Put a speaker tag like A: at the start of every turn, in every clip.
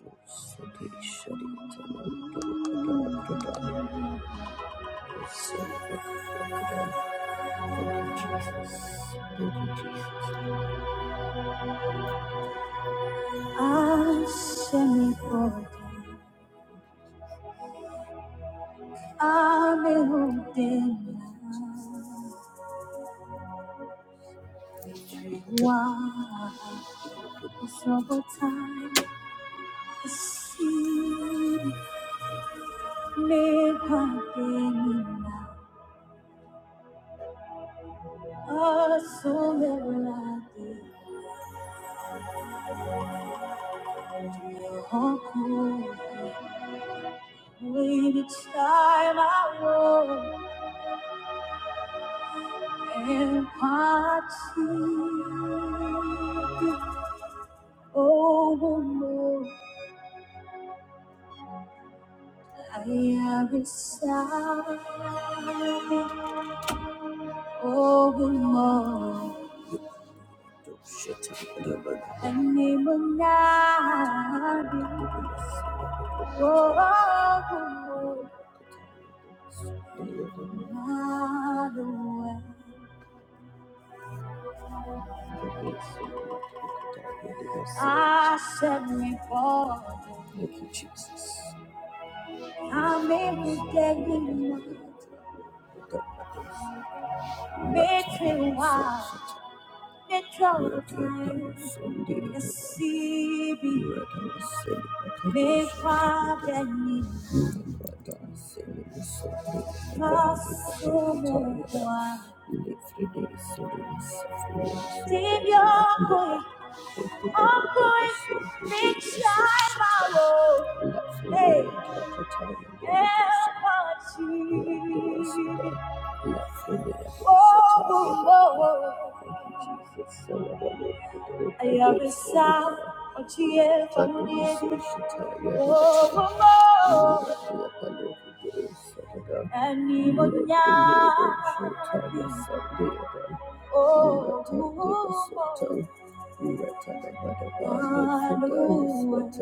A: Asumela de When it's time I walk and party, oh, more I am beside, oh, more. And name of oh, more. Another way. I set me for. Thank you, Jesus. I made you dead in my. Make me wild. Let your boy, oh boy, big time and see me. Make me. Pasumukwa. Ndivyoku-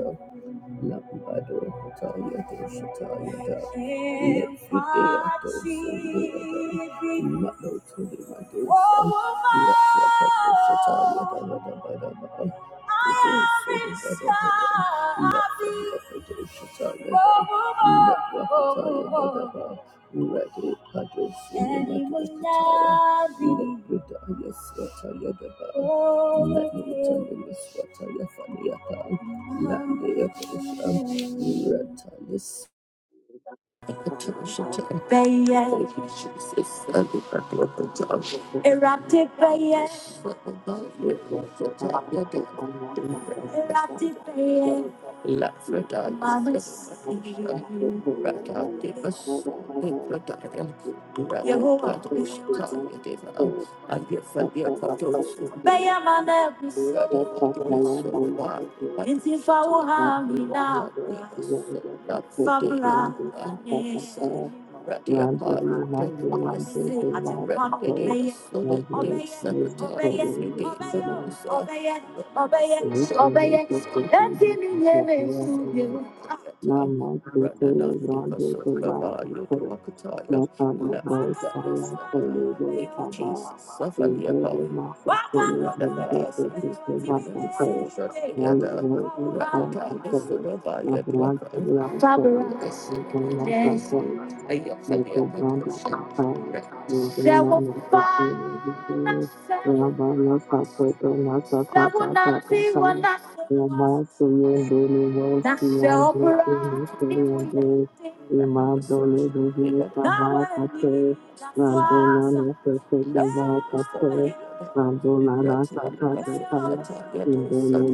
A: Oh, Yes, I ever. Let me tell you, Miss What I ever. Erupted
B: Thank
A: by yes. Erupted by yes. Yehovah. Bɛyɛ ma na ɛbu so. Nti fa wo ha nyina bra. Fa bra me.
B: you. Rando lunape lando
A: Mese
B: de la
A: adepa no
B: capo,
A: ɔbɛyɛ. Ɔbɛyɛ,
B: lando
A: ɔbɛyɛ,
B: los
A: ɔbɛyɛ,
B: caes por la luna,
A: ɔbɛyɛ, ɔbɛyɛ,
B: ni que le
A: ɔbɛyɛ.
B: se te
A: Ɛnti
B: pide,
A: ne nyɛ me nsu bio.
B: Lama tutele brando teva kato. Laka na
A: Thank
B: bros kaya tele de
A: you, Jesus.
B: kaba. Indo
A: Safaliapo.
B: de maso tele brinde tete teva kato. Lali bros teva kato. La brand teva kato. Laka na kato. Lako branda kato. Indo
A: There
B: na
A: will
B: maso
A: find
B: tele brinde.
A: myself.
B: Rabana sato na
A: There will not be
B: sataka
A: one
B: Yamasi
A: I
B: yendele wosi
A: Nasıl
B: yandro kumisi
A: bırakayım
B: yandro
A: uyandım.
B: imandole bubu kava
A: Naweni
B: kate randona
A: nasılsa.
B: nase
A: Nasıl
B: kuva
A: dostum.
B: kate randona
A: Yeti
B: nasa
A: alakası yata ya dosa da.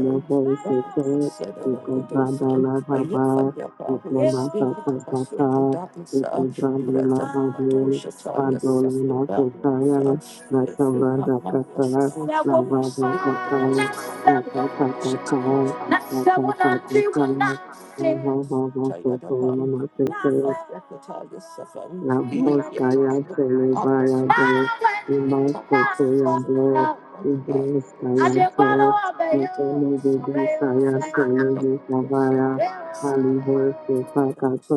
A: Nasıl dosa da ya
B: kate Mandolina Kotaya,
A: na
B: Natabranda
A: ma
B: Kata, Navada Sataya, Rakatata, rakatata, ho
A: that's how
B: ho
A: what I do when I'm sick.
B: ho ho, so
A: Tired
B: so,
A: upon me, my
B: namaste.
A: repertoire is suffering. Yeah, yeah,
B: Raboska Yato
A: up it's my way. That's
B: Imaso
A: what
B: Toyado,
A: I do.
B: Ibroska
A: I did
B: Yato,
A: follow up, baby.
B: Ipolego
A: Baby,
B: Desayato Lego Savaya, Alivo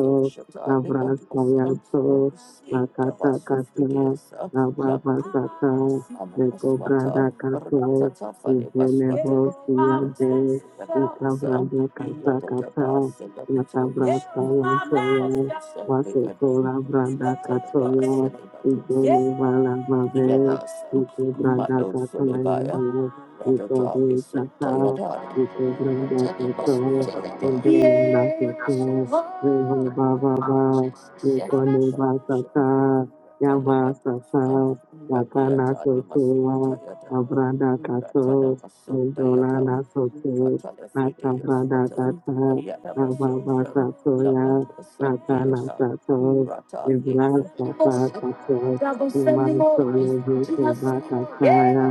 A: so shut up, never do a
B: Navraska
A: sound. Oh,
B: Yato,
A: see, the was
B: Nakata
A: 50
B: Kata,
A: days, love,
B: Navava Sata,
A: I'm a
B: Neko
A: water.
B: Gada
A: Yada,
B: Kato, Ubenevo Suyade, Ikavrada Kata Kata, Nakabraska Yato Wasotola Branda Katoya, Idele wala Vavel, Uke Branda
A: Malo
B: Katoya,
A: Solibaya,
B: yando, Uke
A: Ratata,
B: De
A: Listen,
B: Sata,
A: Tayada,
B: Uke Branda
A: yeah.
B: Katoya, Idoni na Nasoto, Revo Baba Ba, Uke Neva Sata, Yava Sata, Wakana Sotola, Abranda Kato, Idola Nasoto, Nakabranda Kata, Nababa Satoya, Rakalasato, Ibrasapakato,
A: Double sending more.
B: Imantoyo Vikibakataya,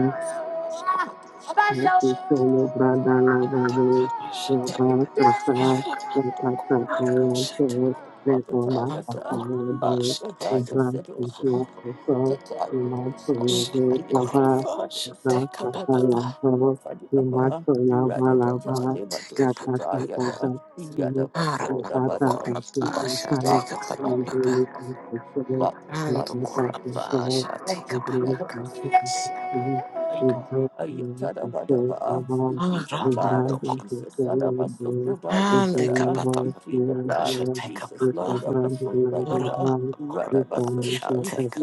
B: Nasi Masisolo brada la vavu, ya
C: Tekabashite.
A: Yada
B: basa sa, ya kasa
C: Aramakorabashite.
B: sa ya se, le koma kasa ya bu,
C: Andokorabashite.
B: ibra si ya kuso, ima solo de lava, ya
C: Korabashite.
B: kasa sa ya
C: Kabababa.
B: se, ima solo va lava,
C: Andabashite.
B: ya kasa
C: Kabababa.
B: sa sa, ya ya kasa sa se se sa,
C: Aramakorabashite.
B: ya ibu
C: Kabababa.
B: ni si se se, ya kasa sa sa,
C: Andokorabashite.
B: ya ibu ni
C: Kabababa.
B: si se se se. Thank
A: Ayatadabadaba. We plead the blood of
C: Aramadokora.
A: Jesus. Sadabasubradaya Sada. We plead the blood of Jesus.
C: Andekapapapapakashatekapapa.
A: Lord of Basubradaya. Radabasoshan.
C: Aramadokora.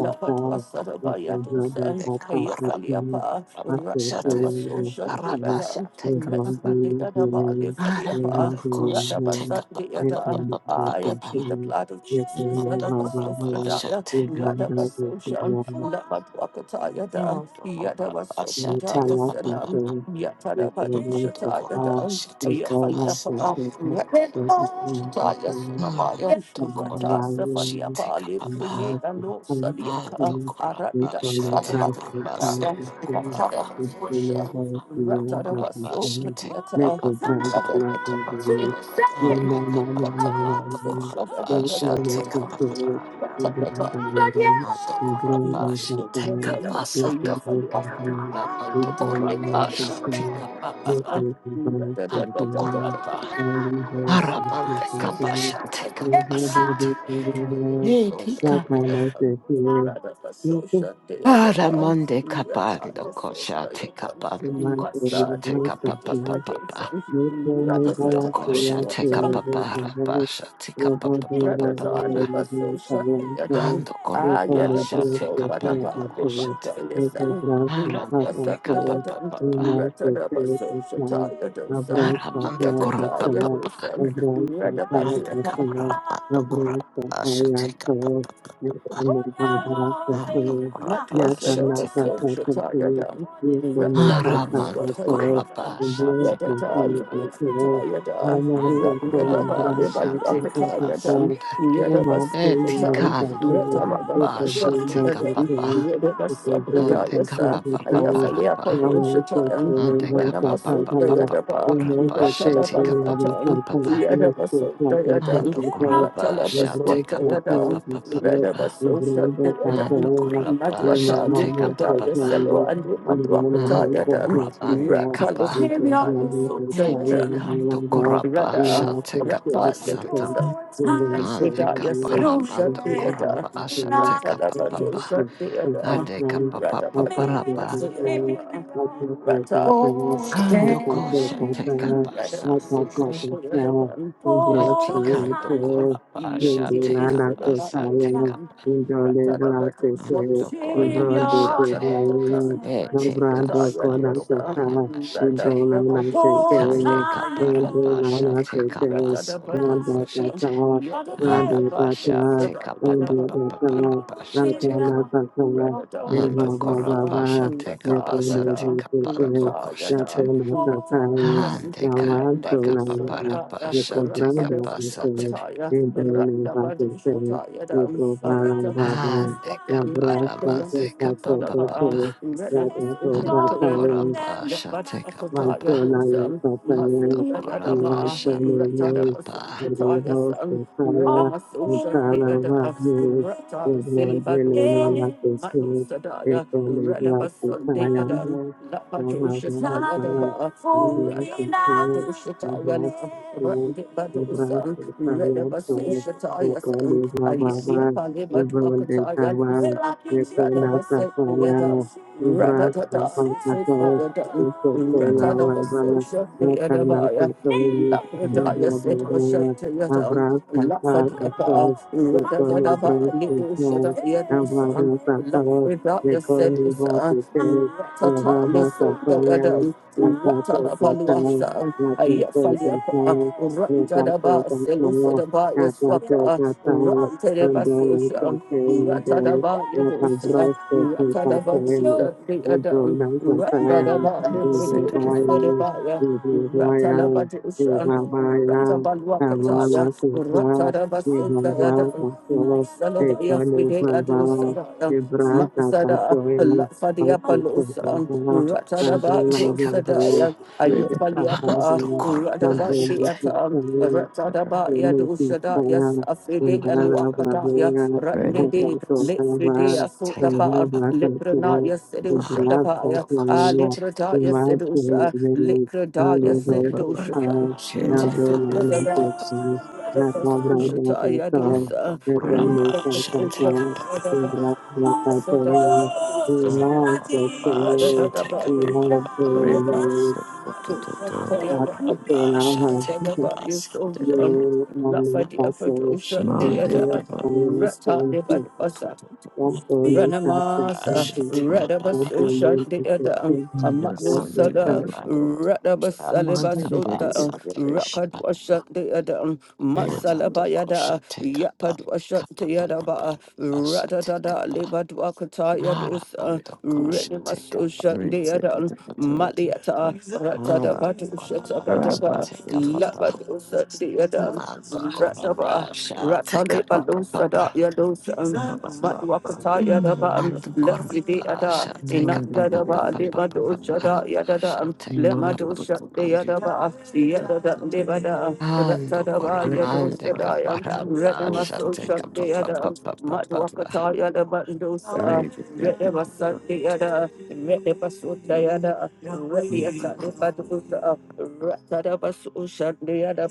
C: Take
A: Ayafaliapa. Ratanamasoshan deadan. Mesudeyadabali faliapa. Radabasan deadan. I plead the blood of Jesus. Sadabasufradaya. Radabasoshan. Labadwakatayada. Yadabasopradaya Sanam,
B: you. Thank
A: Yatadabadushataya Dam, Ayafayapa, Yatadabadushataya Sunamaya, Rata Safaliapa, Liprune, Ano Saliaka, Aranda Salabakaya, Ratadabasosha, Ratadabasopradiyata,
C: a
A: Yatadabasopradiyata,
C: Ando corra pasha, take
A: Ratadabasosha,
C: up
A: Social theater,
C: ando
B: you. Thank you.
A: um, retire, so right, um, Masado, Ricky, Addiction, Rather Satanis, Yet
C: gosh, Aramande capa papa pa. Aramando cora papa pa. Ande capra pato cora asha teca papa papa. Ando cora pa asha teca papa.
A: Matwasadabasoshatayadam,
C: Aramando
B: Abraça,
C: cora
A: Ratalibuswatayadam,
C: pa
B: Thank
C: asha
B: you.
C: teca papa papa.
A: Yadatalibuswatayada,
C: Ando cora pa asha teca
A: Randadabalibadwakatayadam,
C: pasante. E
A: Yadabasoshatam,
C: ticando cora pa asha teca
A: Ratalibuswatayadam,
C: papa. Ande
A: Yadabasabradayasa,
C: capa papa para pa.
A: Ayafaliapadoshatayam,
C: Ande capa papa papa
A: Ranamasotayadaba,
C: para pa asha teca papa
A: Ratalabanwatam,
C: papa.
A: Yadabasotayadam,
C: Ando kuraba shall take up a
A: Ratalabaswatayadam,
C: papa papa papa.
A: Radabasosha Deadan,
C: Ando kuraba
A: Madwata
C: shall take up a
A: Libradaya
C: papa.
A: Selo and Madwakata
C: Ando
A: Yadan,
C: kuraba
A: Rata
C: ndikapa.
B: We We We We can be
A: Lehelia
B: on the other
A: is
B: side
C: Eti
A: so
B: and be like
C: kando
B: that.
C: kuraba
B: We
A: Rada
C: shall
B: might go to
C: take up
B: the
A: Rata
C: a
B: other
C: santo.
B: side.
A: Yadosa
B: We will go
C: Ande
A: Rida
B: to the
A: Yasedo
B: other
C: kaparamando
A: Shaktiada
C: kuraba
B: side.
C: shall
B: We
C: take
A: Rata
C: up a
A: Labato
B: will go
C: papa.
B: to the
A: Shaktiada
B: other
C: Ande
B: side.
C: kapapa
A: Rata
B: I can see
A: Bato
C: paparapa.
B: the fire.
A: Shaktiada
B: I can see the
A: Rata
B: fire. I
C: Ando
B: can see the
C: kosha take up
B: fire.
C: a
A: Rada
B: I can
A: Bato
C: santo
B: see
C: kosha.
B: the
A: Shaktiada Rata
B: fire. Over us
C: Eti kando kuraba shall
A: Yet Yet
C: take
A: This
C: up a sa take up.
A: Soda Rather,
B: to
C: Ando kona
B: Thank
C: mashate.
B: you.
C: Ete
B: Nobrando con
C: castando con
B: la Thank
C: amashate. Ikande kaparabashate kapasondo koshate. Arabashate kapapapaparabashate. Ando korabashate
A: Rata
C: kapasate
A: yada,
C: kapando
A: rata
C: koshate.
A: yada, rata yada.
C: Ande
A: I let
C: kande
A: battle survive.
C: kapaparabashate
A: Rata de madu
C: kapasate.
A: akataya, rata badu shutaya dam. Rata kata
C: Ande
A: maswata, akada
C: kaparamante
A: maswata daba.
C: kapapapapa.
A: Rata maswata
C: Ando
B: you.
A: yada, let badu
C: korabashate
B: Like
A: akataya
C: kapapa.
B: so
A: dosam. Maswata yada
C: Dokorama
B: like
A: ba,
B: so
C: Shameka
A: rata de
C: Papa
A: maswata yasam. Radamasosha Deada
B: you
A: Rata Silibadosa Manu Sadaya Radabason Deada Lapatosha Sayadaba Radabadosha Tayana Randibadosa Radabasosha Tayasan Ayadia Palimadwakataya Radabasek Deada Radadada Sitbada
B: Thank you.
D: Yes,
A: Ratadabasosha Deada Baya Lapradaya Tayadan Lafadiapa, Radadadaba, Lidu Shada Yadu San, Lafrida Yasedu Ratata, listen, the Adam, Ratala Paluasa, Ayafaliapa, Randadaba, Selusadaba, Yaswaka, Rantadaba Susha, Ratadaba Yadusa, Ratadaba Dusa, the Adam, Randadaba, Libridu,
B: Vijaya,
A: Sedabaya, Ratalaba
B: Vijaya,
A: Dusa, Ratabalwakataya, Ratadaba Suda Adam, Salabaya Fide Adusabaya, Sada, Lafadia Palosa, Ratadaba
C: Tikapus
A: Dosadaya, Ayapaliapa,
C: Dokorama Shate
A: Radabandiata, Ratadaba
B: Thank
A: Yadusada, Yes, Afride and
C: Papa
A: Wakataya, Ratnede, Litfride,
C: Shateka
A: Asotaba,
C: Papa
A: Liprana, Yes,
C: Ara
A: Sedushadabaya, Ah,
C: Dokashitika
A: Liprata, Yes, Sedusha, Likrada, Yes, Sedusha,
C: Shateka Papa
A: Masukadaba.
C: Dokorapa Shateka Papa
A: Rather,
C: Dokorapa Shateka Papa
B: you.
C: Dokorapa Shateka Papa
B: Thank you.
A: Lafa di apadosha de
C: Shateka
A: ada
C: Papa
A: rata de bad basa Ranamasa,
C: Shateka
A: Radabaso
C: Papa
A: Shandeada, Amado
C: Yamante
D: something.
A: Sada,
C: kapar do sa
A: Radabasaleba
C: tapa
A: Sunda,
C: sate kapa
A: Rakadwa
C: papa pa.
A: Shandeada,
D: Mind.
C: Yamato kosha
A: Masalabayada,
C: te kapa
A: Yapadwa
C: te kapa papa
A: Shandeadaba,
C: para sate
A: Radada
C: kapa.
A: Lebadwa Kataya
C: Hara
A: Dosa,
C: mando kosha te
A: Renimaso
C: kapa. pa
D: Holy
A: Shandeada,
C: pa.
A: Maliata,
C: Mando ona
A: Ratada
C: basha
A: Badaba,
C: te kapa pa.
A: Labadosa the adam
C: Mando ona
A: Rataba,
C: basha te
A: Ratale
C: kapa papa pa.
A: Balosa da
C: pa.
A: Yadosa, Matwakata Yadaba,
C: Mando ona
A: Lafri Deada,
C: basha te kapa papa
A: Inadadaba,
C: papa papa
A: Lebadosa
C: para
A: da
C: basha
A: Yadada,
C: te kapa
A: Lemadosa
C: papa.
A: Deadaba, Yadada Devada,
C: Ando
A: Ratadaba
C: coramande
A: Yadosa Diam,
C: caparapa,
A: Retamasosa
C: shateca papa papa
A: Deadam,
C: papa,
A: Wakataya the Bandosa, Red Eva Sunday Ada, Red Eva Sundayada, Red the Atani Badusa, Ratadaba Sushan the Ada,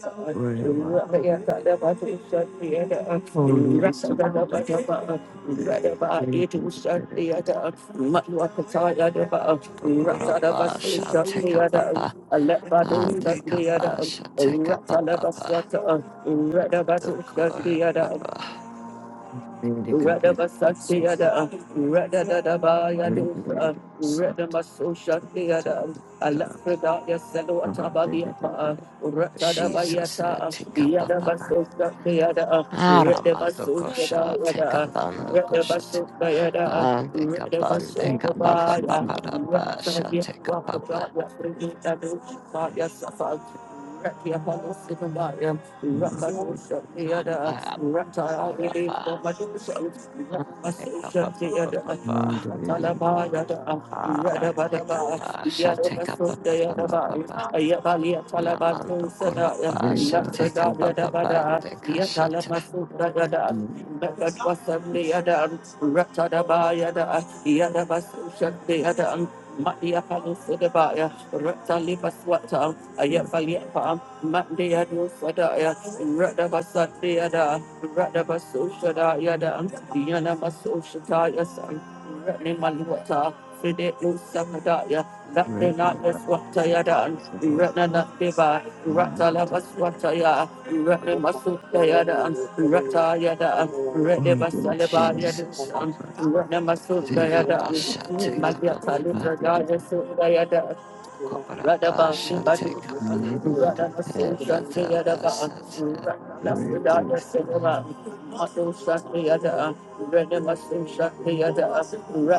A: Ratayata Badusan the Ada, Ratadaba Daba, Radaba Edusan the Ada, Matwakataya the Ba,
C: ando
A: Ratadaba
C: corapa,
A: Sushan
C: shateca
A: the Ada,
C: papa,
A: Alepadus
C: ande
A: the
C: capa,
A: Ada,
C: shateca papa,
A: Ratalaba Sata, Radaba
C: ando
A: Sushan the Ada,
C: corapa,
D: Medical patients of the
A: Radabasatiada, Radadadabaya dosa,
D: regulated sound to
A: Radamasosatiada,
D: continue the
A: Alakradaya
D: mountain
A: Seloatabaliapa,
C: Jesus,
A: Ratadabayata,
C: teca papa,
A: Yadabasosatiada,
C: aramando kosha, teca
A: Radabasosatiada,
D: but
C: pando kosha,
A: Radabasotayada,
C: ande capande capa
D: yes,
C: papa
A: Radabasotabaya,
C: parapa, shateca papa,
A: Ratayatwakabaya, Radadoshaya Safa, Ratia Halo Sinamaya, Rakadosha
C: ando
A: Rata ili
C: corapa,
A: komadusan,
C: ande capa
A: Ramasushan tiyada,
C: papa
D: mountain rebus
A: Ratalabada,
C: Ah, take up
A: Radabadaba,
C: a shall take up a
A: Yadabasunda
C: papa
A: Yadaba,
C: papa.
A: Ayabalia Talabantu
C: Namando
A: Sadaya,
C: corapa shall take
A: Labrada
C: up
D: of
C: a papa
A: Yadabada,
C: de cachata.
A: Yatalamasuda Yada,
D: the
A: Bakadwasan Yada, Ratadaba Yada, Yadabasushan Matia Palo Sodabaya, Rata Lipa Swata,
D: Village,
A: Ayafaliapa, Matia do Sadaya, Rada Basatiada, Rada Basoshada Yada, Diana Basoshataya San, Ratni Maluata, Fide Lusamadaya, Lakrina
D: rebaba
A: Swata Yada, Ratna Nativa, Rata
D: mountain
A: Lava Swataya, Ratni Masutayada, Rata Yada, Rede
D: on the
A: Basaleba
D: swimming
C: Jesus.
A: Yadusan,
D: of the
C: Take
D: negative
C: up
A: Namasudayada,
C: a shall take up
A: Malia
C: a papa.
A: Kalitra
D: negative
A: Daya Sudayada,
C: Corapa shall
A: Radabandi Badu,
C: take up a
D: negative
A: Radha Sosha, the Yadaba,
C: hesatabasat.
A: Radha Fridaya
D: rebase
A: Sedaba, Maso Shakti Yada, Rada Maso Shakti Yada,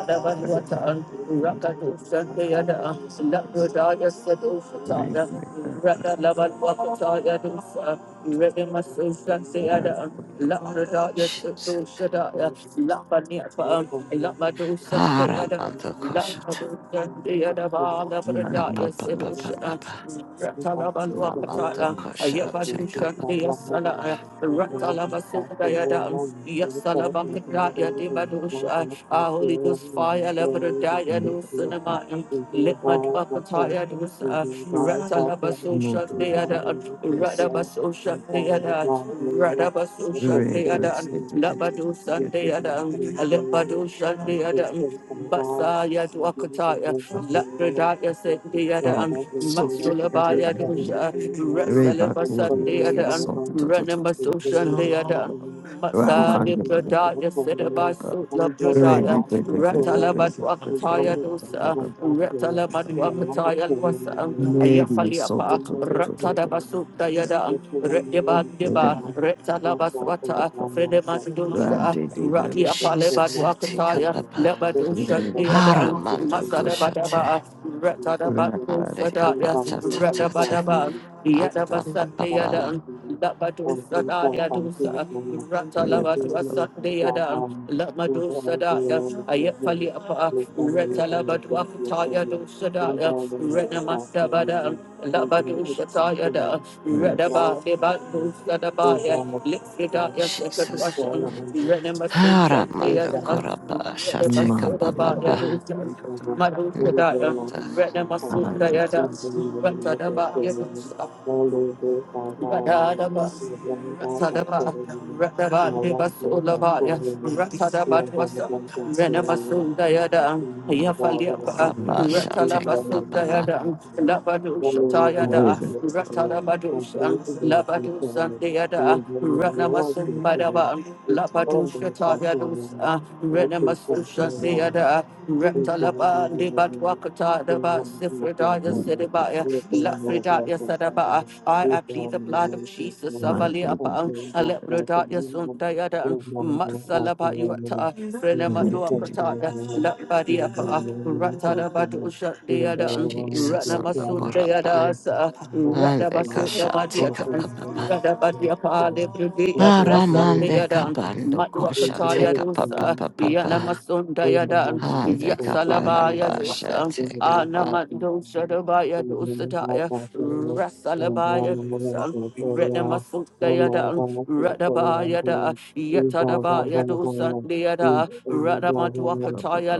B: Thank you.
A: Vanuata, Rakadu Shakti Yada, Lakradaya Sedo Shataya, Radha Lavan Wakataya Dusa,
D: No
A: Rada Maso Shakti Yada, Lakradaya
C: Jesus.
A: Sedo Shadaya, Lapaniapa, Lamado Shakti Yada,
C: Haramando
A: Ah,
C: koshata.
A: Holy
C: Kappa papa papa. Namando kosha take up a
A: Ghost fire, Labradaya, no cinema,
B: Thank you.
A: Limatwakataya Dusa, Ratalabasosha
D: to so
A: the
D: good.
A: other,
D: Yes,
A: Radabasosha the other, Radabasosha
D: Ray,
A: the
D: that's
A: other,
D: the digit.
A: Labadosa the other, Alepadosha the other, Basaya Dwakataya, Labradaya said the other,
D: So,
A: Matsulabaya Dosha,
D: Ray, back forward,
A: Rasalabasa
D: you can
A: the
D: hear
A: other,
D: something. to to to to to to
A: Ranamasosa the
D: to to
A: other.
D: Ramban,
A: Masali Pradaya Sedaba Sutla Pradaya Ratalabas Wakataya
B: Thank
A: Dosa Ratalaman
D: Ray,
A: Wakataya Lwasa
D: Lady so
A: Ayafaliapa
D: to to to
A: Ratadabasu Dayada Retiban Deba Retalabaswata Fredeman Dosa Rati Apalebat
C: Jesus. Take up
A: Wakataya
C: a
A: Lebadusha Diada
C: Haramando
D: to
C: kosha
A: Masadabadaba Retadabat
D: to
A: Dosa Daya
C: Andekapatatata.
A: Retabadaba Yadabasat
C: Andapapapa.
A: Diada Labadosa Daya Dosa, Rata Labadua Sunday Adam, Lamadosa Daya,
B: you.
A: Ayafali Apa, Reta Labadua Kataya Dosa Daya, Rena Masta Badam, Labadosa Taya Da,
D: Renati,
A: Redaba, Debadosa Dabaya, Lixidaya
C: Jesus.
A: Sekadwasham,
D: Reba,
A: Rena Masusha
B: Old
A: Daya,
B: brothers
C: Haramandokora
B: and sisters,
A: Redaba
C: shateka
D: Monday, I
B: We call
A: Sodabaya
C: papa.
B: it
A: Dosa,
B: from someone,
A: Madosa
B: We go
A: Daya,
B: along with
A: Rena
B: your family,
A: Masuda
D: need to
A: Yada,
B: We go along with
A: Rata
B: your
A: Dabaya
B: family,
A: Dosa.
B: all those who are now,
A: Radadaba,
B: We bring out our
A: Ratadaba,
B: family, We are
A: Ratadaba,
B: one place and
A: Solabaya,
B: family, We
A: Ratadaba,
B: are one of
A: Twasam,
B: them and family,
A: Renamasunda Yada,
B: We go along with
A: Yafaliapa,
B: family,
C: Andokora
B: We
A: Ratalaba
B: go
C: shateka
B: along
A: Sunda
B: with your
C: papa.
A: Yada,
B: family, We
A: Labadu
B: go along
A: Shatayada,
B: with your family, We
A: Ratalabadusan,
B: bring out our
A: Labadu
B: family,
A: Sandayada,
B: We are are are
A: Ranamasum
B: of Thank you.
A: Badaba,
B: Thank
A: Labadu Shatayadus, Renamasusha Sayada, Ratalaba, Debatwakata, Daba, Sifridaya Sedibaya, Lafridaya Sadaba, I, I plead the blood of Jesus of Ali Apang, Alebrodat Yasundayadan, Matsalaba Yuata, Frenemadua Prataya, Lambadi Apa, Ratanabadu Shatayadan,
C: Jesus andokora pa.
A: Ranamasudayadas,
C: Andeka
A: Radabasuda
C: shateka
A: Madiatan,
C: papa.
A: Radabadi Apa,
B: you.
A: Lebrodia
B: Thank
D: Lady
C: Haramandeka
A: Duasandayadan. Matwa
C: bandokosha
A: Pataya
C: teka papa
A: dosa, Yana
C: papa.
A: Masunda Yadan,
C: Andeka
A: Yasalabaya
C: parapa
A: dosa,
C: shateka pa.
A: Anamando Salabaya Dosadaya, Rasalabaya Dosan, Renamasundayada, da Yatadabaya Dosandayada,
B: you.
A: Radamatwakataya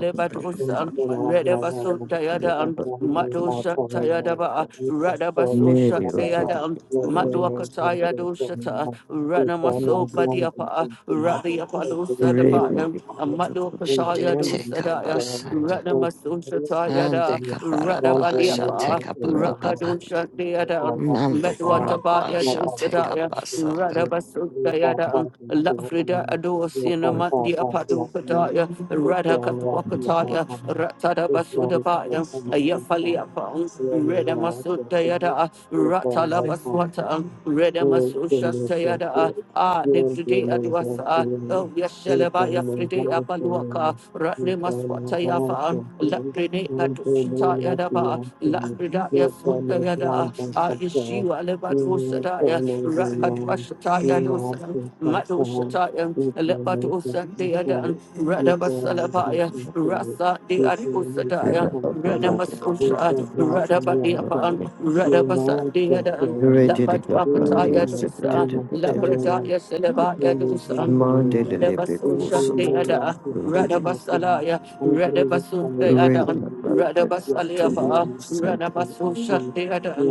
B: Thank
A: Lebadosan, Redabasundayada, Madoshatayadaba, Radabasoshatayada, Madwakataya Dosata, Ranamaso Badiapa, Radiapa
D: Mind
A: Dosadabaya, Madwakataya
C: Shateka
A: Dosadaya. Rana Masusata
C: Ande
A: Yada, Rada
C: kaparapa
A: Badiapa,
C: shateka papa papa.
A: Rakadusha Deadam,
C: Mando
A: Metwataba
C: korapa shateka
A: Yadusadaya,
C: pasando.
A: Rada Basunda Yadam, Lafrida Ados in a Mandi Apatu
B: you.
A: Kataya,
B: Thank
A: Rada Katwakataya, Ratada Basudabaya, Ayafali Apam, Reda Masuda Yada, Ratala Baswata, Reda Masusha Yada, Ah, Nipsudi Adwasa, Oh, Yashalaba Yafrida Paluaka, Ratni Maswatayafa, Lakrine Katushita Yadaba, Lakridaya Sutta Yada, Ayeshiva Lebatu Sadaya, Rakatwashita Yadusan, Matu Shataya, Lebatu
B: you.
A: Sandayadan,
B: Thank
A: Radabasalabaya, Rasa de Adu Sadaya, Radamasosha, Radabadiapan, Radabasandayadan, Lapatu Apataya Dusa, Laprataya Selebaya Dusan. Radabasosha de Ada, Radabasalaya, Radabasun de Ada, Radabasaliafa, Radabasosha de Ada,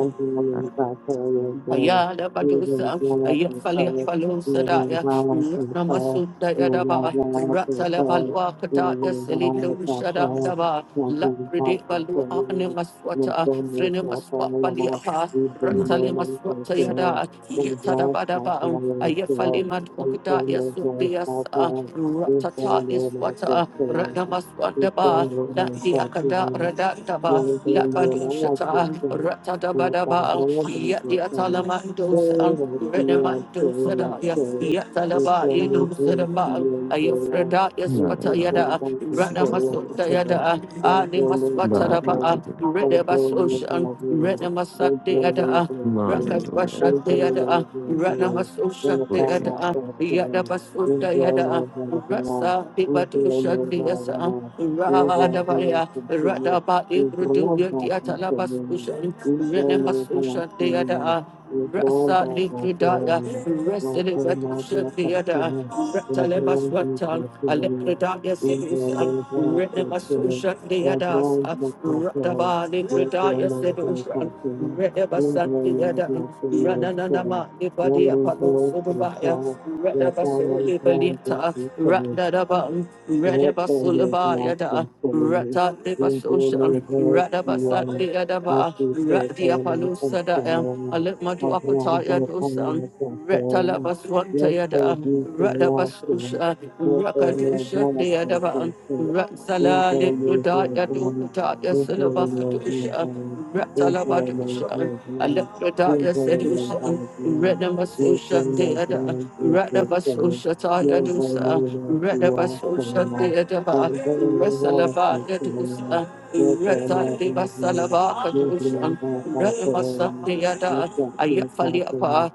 A: Ayala Badusa, Ayafalia Falosa Daya,
B: you.
A: Namasunda
B: Thank
A: Yadaba, Ratala Balua Kataya Selido Shada Daba, La Pride Balua Animaswata, Frenemaswa Baliapa, Ratali Maswata Yada, Yatadabadaba, Ayafaliman Okadaya Sudias, Ratata is Wata, Ranamaswandaba, Nandi Akada Radandaba, Daba, Lapadushata, Ratadabadaba, Yatiatalamandosa, Renamandosa,
B: you. We
A: Yatalaba,
B: can live with
A: Yedusadaba,
B: your new voice and your life,
A: Ayafreda,
B: We can your one
A: Yaswatayada,
B: darkness for life, so
A: Ranamasotayada,
B: one for my father,
A: Animaswatadaba,
B: one for my father, one for
A: Redabasosha,
B: my father, one for my
A: Renamasatayada,
B: father, one for my
A: Rakadwashatayada,
B: father, one for my
A: Ranamasoshantayada, Yada
B: father, one
A: basunda yada rasa di batu shandi
B: for my
A: yasa
B: father, you
A: rada
B: are here
A: baya
B: for me,
A: rada ba
B: you
A: ibrudu
B: brought
A: yadi
B: darkness
A: atala
B: to me,
A: basushan
B: you brought
A: rene
B: my father,
A: masushan di yada
B: you brought
A: rasa di
B: darkness to
A: kridaya
B: me. My
A: rasa di batu
B: my dear
A: shandi
B: father,
A: yada rata
B: love
A: le
B: round is
A: baswatan
B: my
A: ale
B: feeling,
A: kridaya
B: and your
A: sedusan
B: love was
A: rene
B: the feeling,
A: masushan di
B: love
A: yada
B: round is my
A: rada
B: feeling,
A: ba di
B: like
A: kridaya
B: all
A: sedusan
B: my father, father, Thank you. Not only the actions for me,
A: Rata de
B: in the
A: Basosha,
B: labor
A: Rada
B: to
A: Basat
B: um,
A: de
B: my
A: Adaba,
B: future
A: Radia
B: for me, and
A: Palusa da, Em,
B: so
A: Alimadu
B: I belong to
A: Apataya
B: the family
A: dosan,
B: of
A: Retala
B: the
A: Baswanta
B: Yes, I
A: Yada,
B: do to
A: Rada
B: the action,
A: Basosha,
B: not only
A: Rakadusha
B: the
A: de
B: actions
A: Adaba,
B: for me, in the
A: Ratsala
B: labor to
A: Lipudaya
B: me,
A: Duputaya
B: in the labor to
A: Silabakadusha
B: me, in the labor
A: Ratsalabadusha
B: to me, in
A: Alepradaya Sedusha
B: the
A: Renamasosha
B: labor
A: Deada
B: to do not Thank you.
A: Radabasosha Taya
B: Lord, by the
A: Dusa
B: way, that You are from the
A: Radabasosha
B: law.
A: Deada
B: By the way, You are
A: Rasalabaya
B: from the
A: Dusa
B: law. Yes, I am not in the
A: Ratsalibas
B: hand. Yes, I am
A: Salabakadusha
B: not by the
A: Retamasa
B: way. Yes,
A: Deada,
B: that you are from the
A: Ayafaliapa,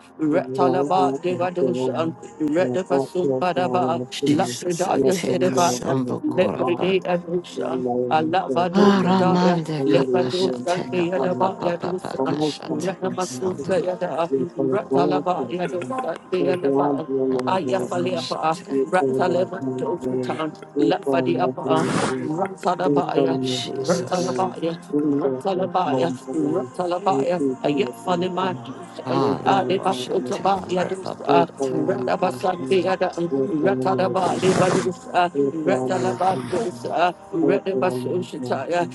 B: law. You are
A: Retalaba
B: not in the
A: Devadoshan,
B: hand. Yes,
A: Retapasum Padaba,
C: Jesus
B: I
A: Lafridaya
B: am
C: teka
B: not
A: Sedavaya,
B: in the hand.
C: sando
B: Yes, I am not in the hand.
C: korapa.
A: Lepride Adushan, Alavado
B: Yes,
A: Kedaya,
B: I
C: Aramande
B: am not in the hand. Yes, I am
C: kapa
B: not in
A: Lepadushan
B: the
C: shateka
B: hand.
C: papa
A: Deadaba
C: papa papa
A: Yadusan,
B: Promote
C: shateka
B: competition and
A: Retamasu
C: sando.
A: Deada,
B: we follow grants to
A: Retalaba
B: the people.
A: Yadusan
B: For example,
A: Deadaba.
B: we are not
C: Namando
B: going
A: Ayafaliapa,
C: koshate.
B: to follow grants to we follow grants
A: Ratalema
B: to
A: Dokutan,
B: we follow
A: Lafadiapa,
B: grants to we
A: Ratsadabaya,
B: follow
C: Jesus.
A: Ratalabaya, Ratalabaya,
B: grants to we
A: Ratalabaya,
B: see see the things
A: Ayafanimatu,
B: we grant
C: Ando
B: grants we
C: koshateka
A: Adibasotabaya,
C: papa
B: follow grants to
C: papa
B: we
A: Dusa,
B: follow
C: takapa.
B: grants to
A: Ratabasandiada,
B: we follow
A: Ratadaba,
B: grants to
A: Livadusa,
B: we
A: Ratalabadusa, Ratabasushitaya,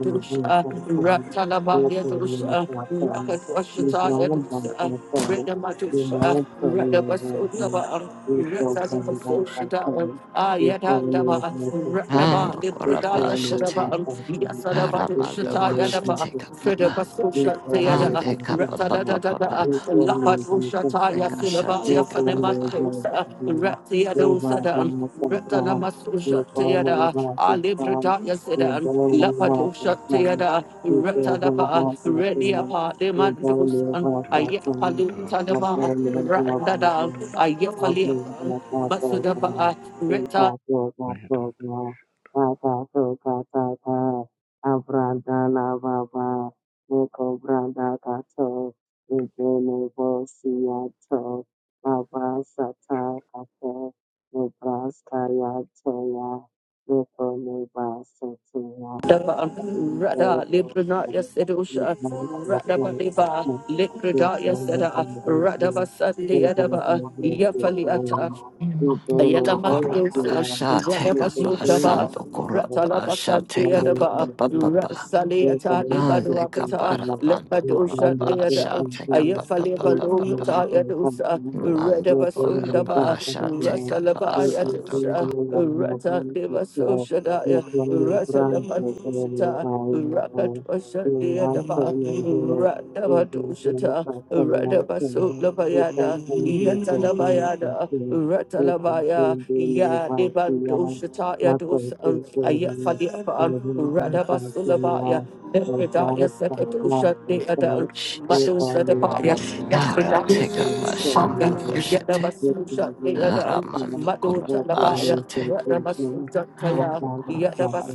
B: follow grants to Thank
A: Ratalabaya Dusa, Rakatuashitaya Dusa, Redamadusa, Ratabasotabaya, Ratalabasoshitaya, Ayadandaba, Radaba,
C: Ando
A: Libridaya
C: korapa shate.
A: Sudaba, Yasadaba,
C: Aramando
A: Shata Yadaba,
C: koshateka
A: Fredaba
C: papa.
A: Susha Theada,
C: Ande kapa papa
A: Ratadadada,
C: papa.
A: Lapadu Shata
C: Tekasha
A: Yasilaba,
C: take up a
A: Yafanemastosa, Ratiadosada, Ratanamasusha
E: What
A: Theada, Alibridaya Sedan, Lapadu
B: you
A: Shatiada, Ratadaba,
B: baba,
A: Rediapa,
B: Nebraska,
A: Demandos,
E: Did
A: Ayapalu
E: I
A: Tadaba, Radada, Ayapaliapa. Masudaba Rita
B: Toya, Nebraska, Toya.
A: Dava
B: Thank
A: Rada Libranaya Sedusha Rada Badiba Libradaya Seda Rada Basandi Adaba Yafaliata Ayala
C: Dokorapa
A: Mandosa,
C: sha take up a sam
A: Radabasotaba,
C: dokorapa sha
A: Ratalabasante
C: take up a
A: Adaba,
C: papa
B: you.
C: papa.
A: Rasale
B: Thank
A: Atade
C: Ah, the
A: Baduakata,
C: kapara
A: Lepadosa
C: mandokorapa
A: Deada,
C: sha take up a
A: Ayafale
C: papa papa.
A: Balota Yadosa, Redabasundaba,
C: Mandokorapa sha take up a
A: Rasalaba Yadosa,
C: sandoko.
A: Rata Deva Soshadaya, Rasalabadusita, Rakatwasa Deadaba, Radabadusita, Radabasulabaya. Yatalabayada, Ratalabaya, Ya Debando Shataya Dos, um, Ayafaliapa, Radabasulabaya,
B: you. Thank
A: Debradaya Sekadosha Deadan, Madu
C: Jesus.
A: Sadapaya,
C: Ara
A: Yafridaya
C: take up a
A: Sekadosha,
C: shandoko shete.
A: Yadabasusha
C: Ara
A: Deadan, Madu
C: mandokorapa
A: Talabaya,
C: shate.
A: Radabasuja Taya,
C: Mandokorapa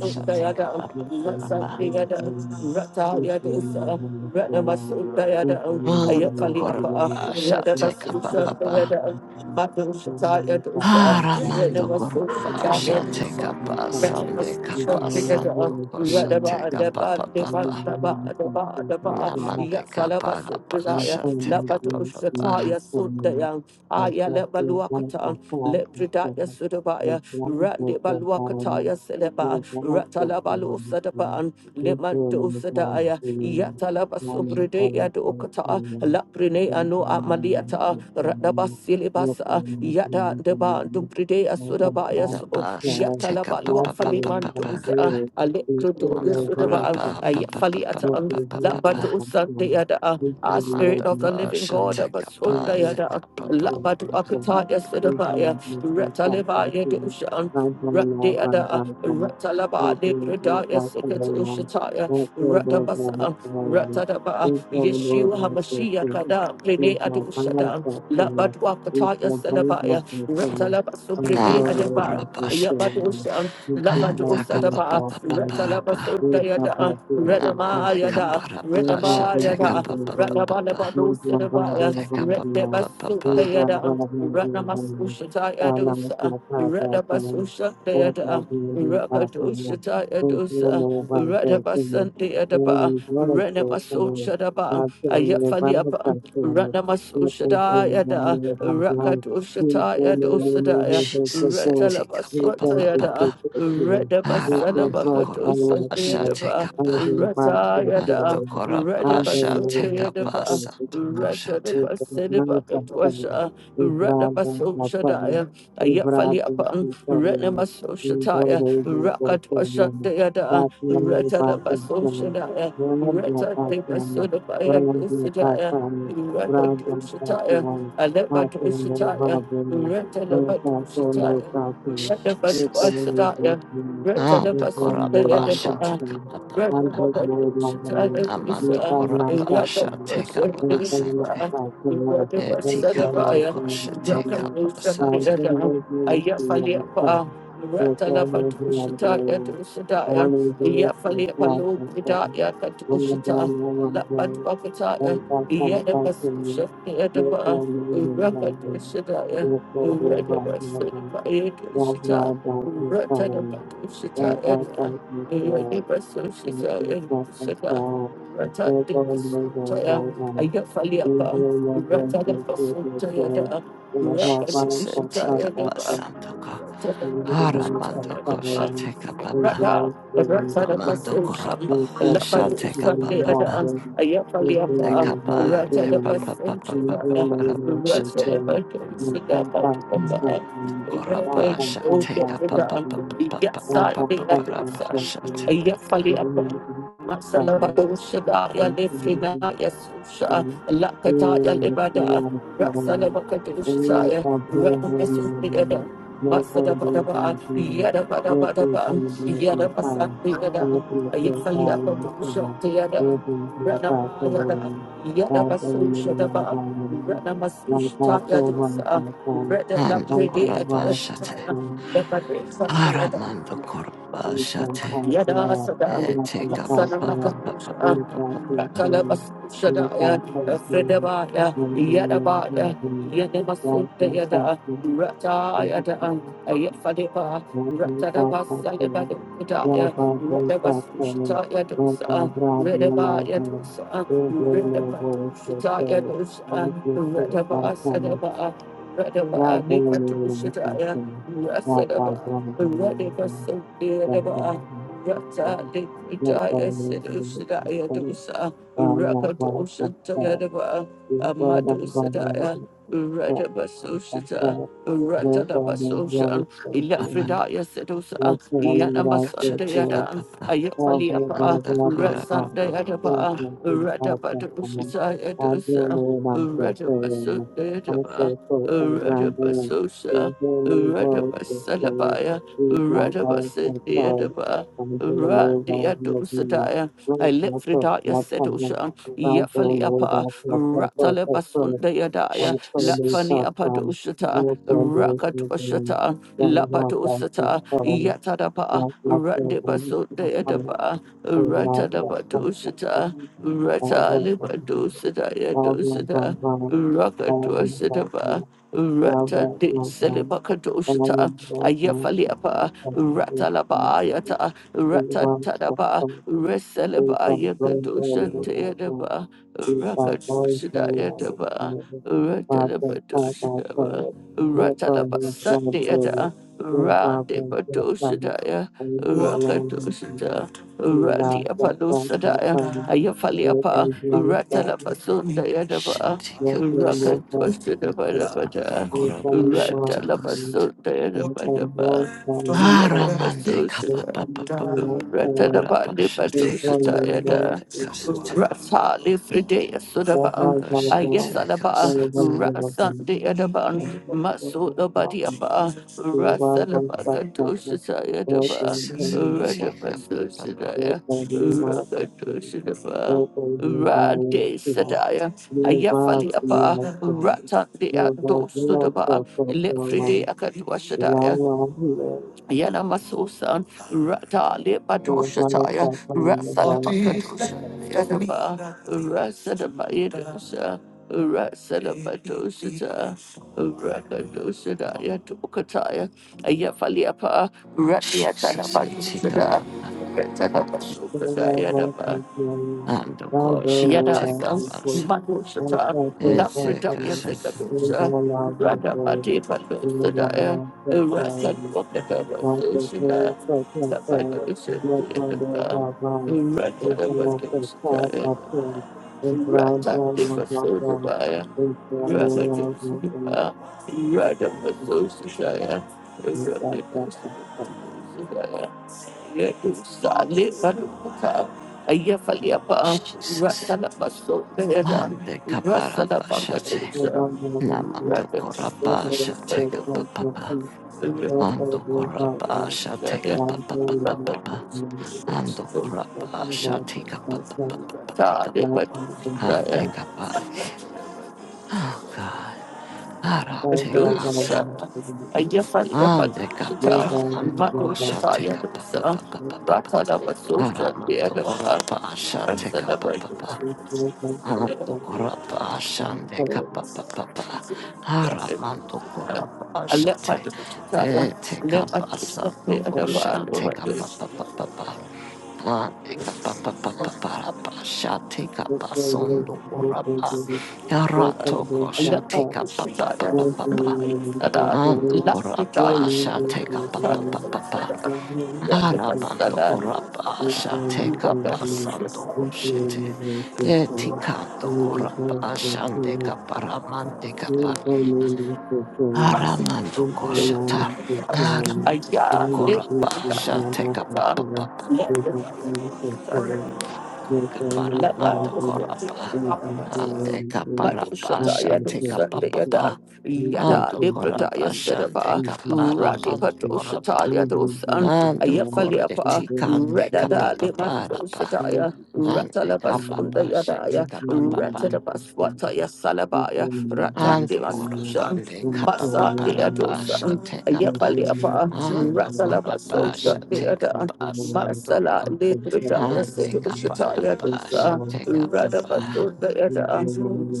C: sha take up a
A: Ratsa
C: papa.
A: Deadan, Rataya Dosa, Radabasutayadan,
C: Mando
A: Ayafaliapa,
C: korapa shall take up up
A: Radabasusha
C: up.
A: de
C: up.
A: Adam. Madhushataya dosa,
C: Hara mando korapa
A: Renamasushataya
C: shall take
A: dosa,
C: up a Sunday kapa
A: Renamasushataya
C: santo
A: Renama
C: kosha
A: deba
C: take up
B: you.
C: up
A: deba
C: up up.
B: Thank
C: up.
A: deba deba deba,
B: you.
C: Namande
A: Yasalaba
C: kapa rapa
B: Thank
A: sundaya,
C: shall take up up up. up.
A: Labadushataya sundaya, Aya lebaluakata, Lepridaya sudabaya, Randi baluakataya seleba, Ratalabalu sadaban, Lemando Sadaya, Yatalaba Subride Yadokata, Laprine Ano Amaliata, Radabasilibasa, Yada Deba Dubride Asudabaya, so
C: Napa shall take up
A: Yatalaba
C: up up up up up up.
A: Luafalimandosa,
C: up.
A: Alekrudo
C: Mando
A: Yasudaba,
C: korapa up up up up up
A: Ayafaliata,
C: up up up. up.
A: Labato Sante
B: you.
A: Yada,
B: Thank
A: our Spirit
C: Amanda
A: of the
C: Gora
A: Living
C: shall
A: God,
C: take up a
A: Abasunda
C: take
A: Yada,
C: up up up
A: Labatu
C: up. up.
A: Akata Yasudabaya, Retalibaya Doshan. Ratalaba Libradaya Sikatoshataya Ratabasa Ratadaba Yeshua Hamashiach Kadam Plene adu Adushadam Labadwakataya Salabaya Ratalaba Subride
C: Mando
A: Adaba
C: korapa shall
A: Yabadushan
C: Hanta kapa pa
A: Labadusadaba
C: pa pa pa ra
A: Ratalaba
C: pa
A: Sundayada
C: Namante
B: you.
C: kapa
A: Radamayada
C: ra pa.
B: Thank
C: Shate
A: Radamayada
C: kapa pa pa, pa pa.
A: Radabalabadu Sidabaya
C: Hante kapa pa pa pa pa.
A: Redabasutayada Radamasushataya Dusa Radabasushatayada Rakadoshataya dosa, Radabasante adaba, Renamasoshadaba, Ayafaliapa, Ranamasoshadaya da, Rakadoshataya dosadaya,
C: Jesus, take up a pa
A: Retalabaswataya
C: pa
A: da,
C: pa. Aramando corapa,
A: Redabasalabakadosa
C: asha take
A: deadaba,
C: up a.
A: Rataya da,
C: Ando
B: you.
C: corapa,
B: Thank
C: asha
A: Redabasote
C: take up a
A: adaba,
C: santa cosata.
A: Ratadabasedabakadwasha, Radabasoshadaya, Ayafaliapa, Renamasoshadaya, Rakatwasha Deada, Retalabasoshadaya, Retta Devasodabaya Dosadaya, Retta Doshataya, Alepa Doshataya, Retta Labadoshataya, Retta
C: Jesus.
A: Badwasadaya, Retta
C: Ando corapa, asha
A: Labasundayada,
C: take pa. a
A: Retta
C: papa papa.
B: you.
A: Labadoshataya
B: There's
C: Amando
A: Dosa,
B: none like
C: corapa,
B: thy
A: Retta
C: asha
B: King.
C: take
B: There's none
C: up
B: like
A: Basadaya,
B: thy King.
A: Retta
B: There's no
C: Etikando
B: Lord,
A: Basadabaya,
B: none,
C: kosha
A: Retta
C: teka
B: none. Um,
C: basata.
B: there's no
A: Doshataya,
B: Lord, none, none.
A: Ayafaliapa.
B: There's no Lord, none,
A: Ratalapatushitaya
B: none.
A: Dushitaya,
B: Only the Lord is not
A: Yafalipalo
B: thy King.
A: Bridaya
B: Only the
A: Katushita,
B: Lord, none, none.
A: Lapatuakataya,
B: There's no Lord, thy
A: Yedabasushita
B: King. There's no
A: Yedaba,
B: Lord, none, none.
A: Rakadushitaya,
B: There's no Lord,
A: Redabasudipaya Dushita,
B: no
A: Ratadapatushita
B: no
A: Yedna,
B: Thank
A: Redabasushita Yedushita, Ratadipasutaya, Ayafaliapa, Ratadapasutaya,
C: Jesus
A: Rakadushita
C: etika
A: Yedaba.
C: basanto ko. Haramando kosha teka baba.
A: Rada, Ratada
C: Amando
A: Pasosha,
C: koraba
A: Labadu
C: shateka baba baba.
A: Sandeada, Ayapaliapa,
C: Dekapa de
A: Ratada
C: papa papa papa
A: Pasosha,
C: papa shate.
A: Ratada Pasosha, Papa,
C: Amando
A: Rabbit,
C: koraba
A: O
C: shateka papa
A: Yaprada,
C: papa papa papa papa
A: Yasadi Adusa,
C: papa
B: you.
C: shateka baba.
B: Thank
A: Ayapaliapa. Masala Shada Yalefrina Yasusha Lakata Yalebada Rasala Bakadushaya Radamasukada Masada Badaba Yada Badaba Yada Basandi Yada, Ayifali Apadusha Yada, Rana Yada, Yada Basusha Daba, Rana Masusha Yadusa, Reda
C: Amando
A: Labrede at
C: koraba shate.
A: Wasitana,
B: you.
A: Yada Basandi Yada,
C: Haramando koraba
B: Thank
C: shate.
A: Yada
B: you.
A: Sada,
C: Eh, Take up, up,
A: Masana
C: up, up, up, up,
A: Nakadusha,
C: up, up, up, up,
A: Ratalabasushadaya, Fredabaya, Yadabaya, Yanamasundayada, Ratayada, Ayafadeba, Ratanabasalibadukudaya, Redabasushataya dosa, Redabaya dosa, Redabadushitaya dosa, Redabasadaba, Redaba Nikatushitaya, Rasadaba, Redabasundayadaba, Rata Likritaya Sedusadaya Dosa Rakadoshatayadava Amadosadaya Radabasosita Ratadabasoshan
C: up, up,
A: Ilafridaya Sedusa
C: Gotcha. Take up,
A: Yanamasandayada
C: up, up.
B: Oh, blah, blah,
C: And
A: Ayapaliapa
C: the
B: blah, blah,
C: car, up,
B: blah.
C: up, up, up, up,
B: Yes,
A: Rasandayadava
C: up.
B: yes, yes, I trust in him.
A: Radabadositaya
B: I do
A: Dosa
B: know that I'm so sorry. I'm
A: Radabasundayadava
B: so so so glad that
A: Radabasosha
B: in human world this way
A: Radabasalabaya
B: we got by
A: Radaba
B: so sorry.
A: Sidiadaba
B: I'm so low by
A: Randia
B: your view.
A: Dosadaya. I
B: Raise
A: let
B: my foot,
A: Fridaya
B: my tongue.
A: Sedosha
B: I'm so low by
A: Yafaliapa
B: so so so so
A: Rataleba
B: so.
A: Sundayadaya
B: I'm so low
C: Jesus.
B: by
A: Lafania
B: some.
A: Padoshata
B: You're so good in the room.
A: Rakatwashata
B: Don't walk like you're
A: Labadosata
B: sorry.
A: Yatadapa
B: Not like you're
A: Randeba
B: going to the fire.
A: Sundayadaba
B: Thank you. God
A: Ratadaba Doshata
B: will from
A: Rataliba
B: you.
A: Dosadaya
B: God will
A: Dosada
B: from God. God will from
A: Rakatwasadaba
B: you. God will
A: Ratandi
B: from God. God
A: Selebakadoshita,
B: will from God.
A: Ayafaliapa,
B: God will from you.
A: Ratalabayata,
B: And the God that comes
A: Ratantadaba,
B: from you. And from
A: Reselebaya
B: God, God
A: Kadoshan
B: will from God.
A: Tayadaba,
B: We shall go no
A: Rakadoshidayadaba,
B: matter why from past our
A: Ratalabadoshidaba,
B: power, no carbon from glory,
A: Ratalabasandayada,
B: no problem from time,
A: Randibadoshidaya.
B: and no longer need to
A: Rakadusita,
B: live to allow
A: Radia
B: from time to
A: Palusadaya,
B: come. With
A: Ayafaliapa,
B: a young father,
A: Ratalapasunda
C: Shit.
A: Yadava,
E: it.
C: Take
B: your
C: up, up,
B: family
C: son.
B: has
A: Rakadusita
B: been saved.
C: And the
A: Badabada,
B: We
C: car,
B: thank
C: up, up,
B: you
C: shut
B: all for
C: up, up, son.
B: me,
A: Ratalapasunda
B: and we thank you all
A: Yadavadaba,
B: for
C: Ah,
B: yourself.
C: Raman, take up,
B: We
C: up,
A: Yadabasusita,
C: up, up,
B: thank
C: up, up,
B: you all
C: up, up, up,
B: for
C: up,
A: Ratalapandi
B: your
C: shut,
B: we
C: take up,
B: thank
A: Badusita
C: up,
B: you
C: up, up,
B: all
A: Yada,
C: take up,
B: for your
C: son.
A: Ratali Fridaya Suda
B: Thank
A: Adaba,
C: Ah, shut, take up,
A: Ayasalaba,
C: son.
A: Rasandi Adaba, Masoda Badiapa, Rasalaba Kadosha Sayadaba,
C: Jesus. Take
A: Radaba
C: up, up, up,
A: Sosidaya, Rakadoshidaba. Rade Sadaya, Ayafaliapa, Ratan de Adosudaba, Lefride Akadwashadaya, Yana Masusan, Rata Lipa Doshataya,
C: up.
A: Rasa
B: you.
A: Bakadosha, Yadaba, Rasa the Bayadosa, Rasa the Badoshata, Rakadosha, Yatokataya, Ayafaliapa, Ratiata
C: Jesus. Take up,
A: Badoshada,
C: up, up.
A: Rata
B: Thank
A: Basukada, Yadaba.
C: And the car shall take
A: Yadasa
C: up us.
A: Manushata
C: It's a
A: Lafridaya
C: cassa-
A: Sekadusha Radabati Palusadaya Rasan Wakata Sushila Sabadosha Deva Ratanabadoshataya Ratati Pasodavaya Radadosha Radabasoshaya Radadosha Ledusa, Lepaduka, Ayafaliapa,
C: Jesus.
A: Ratalabaso, Beda,
C: Mande kaparabashate.
A: Rasalabangadusa,
B: you.
C: Namando
A: Ratalabaso,
B: Lord, Lord,
C: korabasha
B: Lord,
A: Beda,
C: teka
B: Lord, Lord,
C: papapa.
B: please, Lord, Lord,
C: Ando
B: Lord, Lord, Lord,
C: korabasha teka
B: God, glory to you, God,
C: papapapapa.
B: glory to you,
C: Ando
B: God, God, you are
C: korabasha
B: Lord, God, God, God,
C: papa,
B: you
C: papa.
B: are
C: Ande kapari. Oh God. Ara
B: Lord, God, God, God,
C: teka
B: God, God,
C: asando. Ande
B: God, God, God, God, Lord, God, you are
C: kapara
B: Lord,
C: mando
B: God, God, you are Lord, God,
C: papa. teka papapapapa.
B: God, God, God, God,
C: Ara mando korabasha papa.
B: please,
A: Rasalabangadusa,
B: Lord, God, Lord,
C: Manto
B: God, Lord, God,
C: korapa
B: you are Lord, God, God, God, God, God, Lord, God, Lord,
C: shande
B: God,
C: kapa pa pa pa. Hara manto
A: I
C: korapa shate. E te kapa sando
B: God, God,
C: kosha te kapa papa? pa pa pa. Ande kapa pa pa pa pa ra pa shate kapa sondo korapa.
B: Lord,
C: Yara to
B: God, Lord,
C: te
B: God, God,
C: kapa papa papa? pa pa pa. Ando korapa shate kapa pa Arabando koraba shante kapasando koshete. Etikando koraba shante kaparamante
B: Thank
C: kapa. Aramando koshata. Aramando koraba shante kapapapapa. Kaparamando koraba. Ante kaparaba
A: Madoshataya do
C: shante
A: Sandayada
C: kapapapa.
A: Yada Yada
C: Ando
A: Libradaya
C: koraba shante
A: Sedaba
C: kaparamando koraba.
A: Ratipatoshataya do San
C: Ando
A: Ayafaliapa
C: koreti kande
A: Redada Limandoshataya
C: Ande
A: Ratalabasunda
C: kapapa shete
A: Yadaya
C: kapapa.
B: you.
A: Ratadabaswataya
B: Thank
A: Salabaya
C: Ando
A: Ratandivasushan
C: korabande
A: Basa
C: kapapa rapa
A: Deadosan
C: shete kapa.
A: Ayafaliapa
C: Ando korapa
A: Ratalabasosha
C: shete
A: Deadan
C: kapa sando
A: Masala
C: ko.
A: Libradaya
C: Ande
A: Sedushataya
C: kaparapa
A: dosa
C: shete kapapa.
A: Radabasundayada,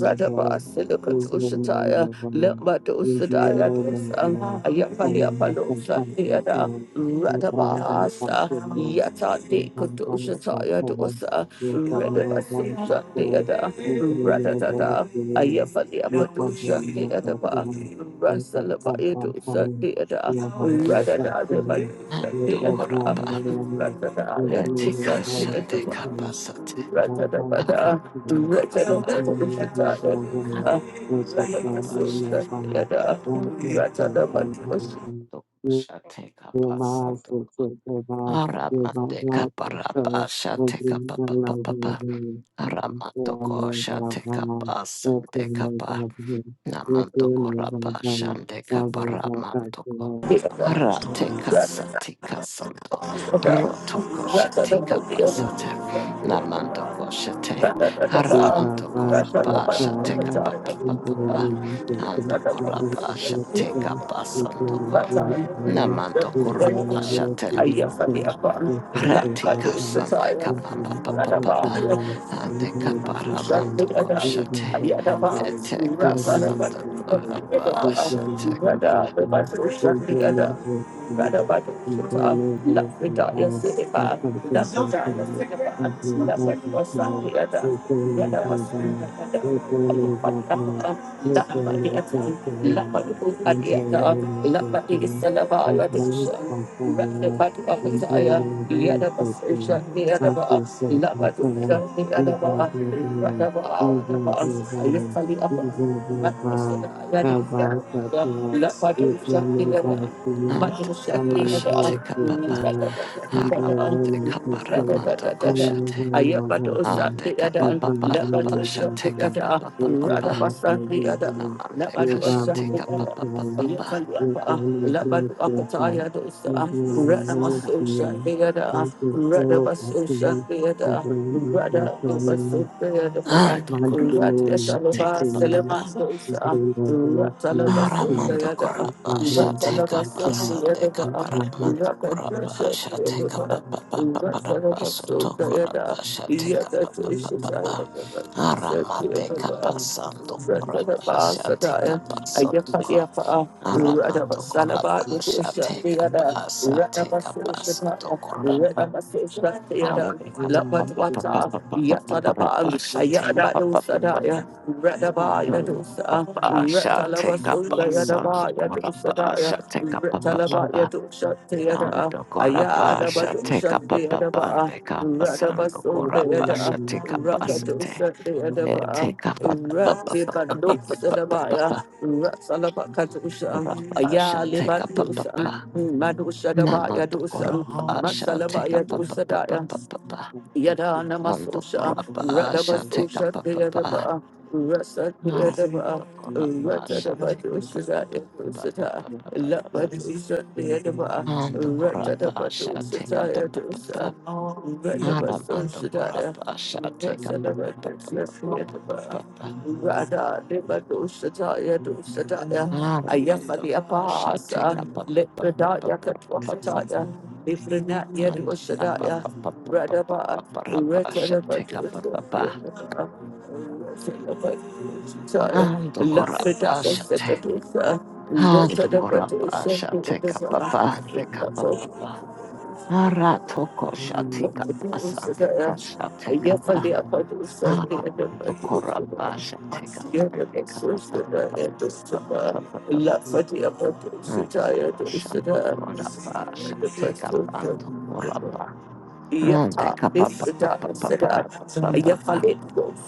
A: Radabasilukatoshataya, Lembadosadaya dosa, Ayapaliapalosandayada, Radabasa, Yata de Kotoshataya dosa, Radabasundayada,
B: Thank
A: Radadada, Ayapaliapadosandayada, Rasalabaya dosandayada, Radadada,
C: Ando
A: Radadada,
C: korapa.
A: Radadada,
C: Ete kasande
A: Radadada,
C: kapa sate.
A: Ratadabada,
C: Aramando korapa.
A: Ratadabada, Ratadabada,
C: Arapa shete
A: Yada,
C: kapapa.
A: Ratadabada,
C: Ando
B: you.
C: shete
B: You're
C: kapa
B: my
C: sando ko.
B: sister, you're my, you're my
C: Aramande
B: God, and
C: kaparapa
B: so we'll
C: shete
B: be the love of
C: kapapa.
B: the And so I'm
C: Aramatoko
B: going to my mom,
C: Shatekapa
B: we'll clear my
C: Sandekapa
B: father, we'll clear
C: Namantoko
B: my
C: Rapa
B: father, now
C: Shandekapa
B: we'll go back
C: Ramantoko
A: Yada,
B: to my
C: Rateka
A: Ratadabada,
C: Satika Sando
A: Ratadabada,
C: Rotoko Shetika
A: Ratadabada, Ratadabada,
C: Pasate
B: father.
C: Namantoko Shate
B: Thank
C: Aramantoko Rapa Shateka Papa Papa Antoko Rapa Shateka Pasandoko Namantoko Rapa
A: I am the upper,
C: Ratika
A: Lakados, the
C: sande
A: tire,
C: kapamba papa papa ande kaparamanto koshate eteka sande korapa shate kapa
B: you. Hallelujah.
A: Lapadi Salava Yadushan, Rapid Badu Apataya, Yada Rather,
C: ande kapa shate kapapa haramante kaparamanto koshate
A: but the
C: ande
A: other,
C: kapapa
B: Thank
A: let my do
C: parapa
A: a shot
C: shate kapapa papa
A: the
C: amante kashate
A: other.
C: kapapa
A: I yet
C: papa
A: find the upper. Labadu Akataya dosa, Radamasusha deada, Radabasosha deada, Rada Basu deada,
C: ande korapa shate
A: Radiatalaba
C: kapa
A: Selemasosa, Ratalabaso
C: Aramando
A: deada,
C: Corapa shall take up
A: Ratalabaso
C: a Sunday
A: deada,
C: Caparamando Corapa
A: Rakadresha
C: shall take up
A: deada,
C: a papa papa
A: Ratalabaso
C: soto
A: deada,
C: corapa shall take up a papa
A: Yakadresha
C: papa.
B: you. Thank
C: Aramante
B: you.
A: deada,
C: capasando corapa shall take
A: Ratalabasadaya,
C: up a
A: Ayapa
C: sotoco
A: Yapa.
C: Aramando corapa
A: Radhabasalabha,
C: shall
A: Rudusha,
C: take
A: the
C: up
A: other,
C: a shall take up a
A: Radhabasusha,
C: soto corapa
A: Radhabasusha, the other,
C: Aramando
A: Lapatwata, Yatadaban,
C: corapa shall take
A: badu
C: up
A: Sadaya, Radaba Yadusa,
C: Basha
A: Ratalaba
C: take up
A: Sunda
C: a son the
A: Yadaba Yadusadaya,
C: Gorabasha take up a
A: Ratalaba
C: papa.
A: Yadusha Theatre,
C: And the
A: Ayadaba
C: Gorabasha take
A: Dusha
C: up a papa
A: Theatre,
C: and take up a
A: Radaba
C: son the
A: Sunda Yada,
C: Gorabasha take up a city.
A: Rakadusha Theatre,
C: Take up a papa.
A: Rabbi Bandu Sadabaya, Rasalaba
B: Thank
A: Katusha,
C: Gorabasha take
A: Ayaliba
C: up a
A: Dusan,
C: papa.
A: Madusha Dabaya
C: Namando
A: Dusan,
C: Gorabasha
A: Masalaba
C: take up a
A: Yadusadaya.
C: papa.
A: Yada
C: And the
A: Namasosha,
C: Gorabasha take up
A: Radabasosha,
C: a papa.
A: Deadaba, Rasa
C: Ando
A: Deadaba,
C: corapa sha
A: Ratadaba,
C: take up a
A: Dushita, Dushita, Lapadusha, Deadaba, Ratadaba,
C: pa
A: Dushita,
C: pa pa.
A: Dusha,
C: Aramando
A: Radabasosha,
C: corapa sha take up a pa
A: Rasadaba,
C: pa pa pa pa
A: Dushita,
C: pa pa.
A: Rada deba dushata ya dushata ya
B: you.
C: Aramando
A: ayafali
C: sha
B: Thank
C: take
A: apahasa
C: up a pa pa pa
A: lebrada
C: pa
A: ya
C: pa pa
A: katwakata
C: pa.
A: ya lebrina ya
C: Ando
A: dushata ya
C: corapa pa pa pa pa pa pa
A: Love
C: pa pa sha take up a pa pa. Ando corapa sha take. up a papa. Ando corapa sha take up a pa pa. Aratoko shatika pasande kashateka
A: for
C: pa aramando koraba shateka pande kapa pa pa pa pa pa pa pa pa pa
B: you. Thank
C: aramashando koraba shateka pando
A: the
C: koraba ande
A: Yata,
C: kapa
A: this
C: pa pa
A: da
C: pa pa pa
A: seda,
C: ra pa pa pa pa
A: Ayafalit,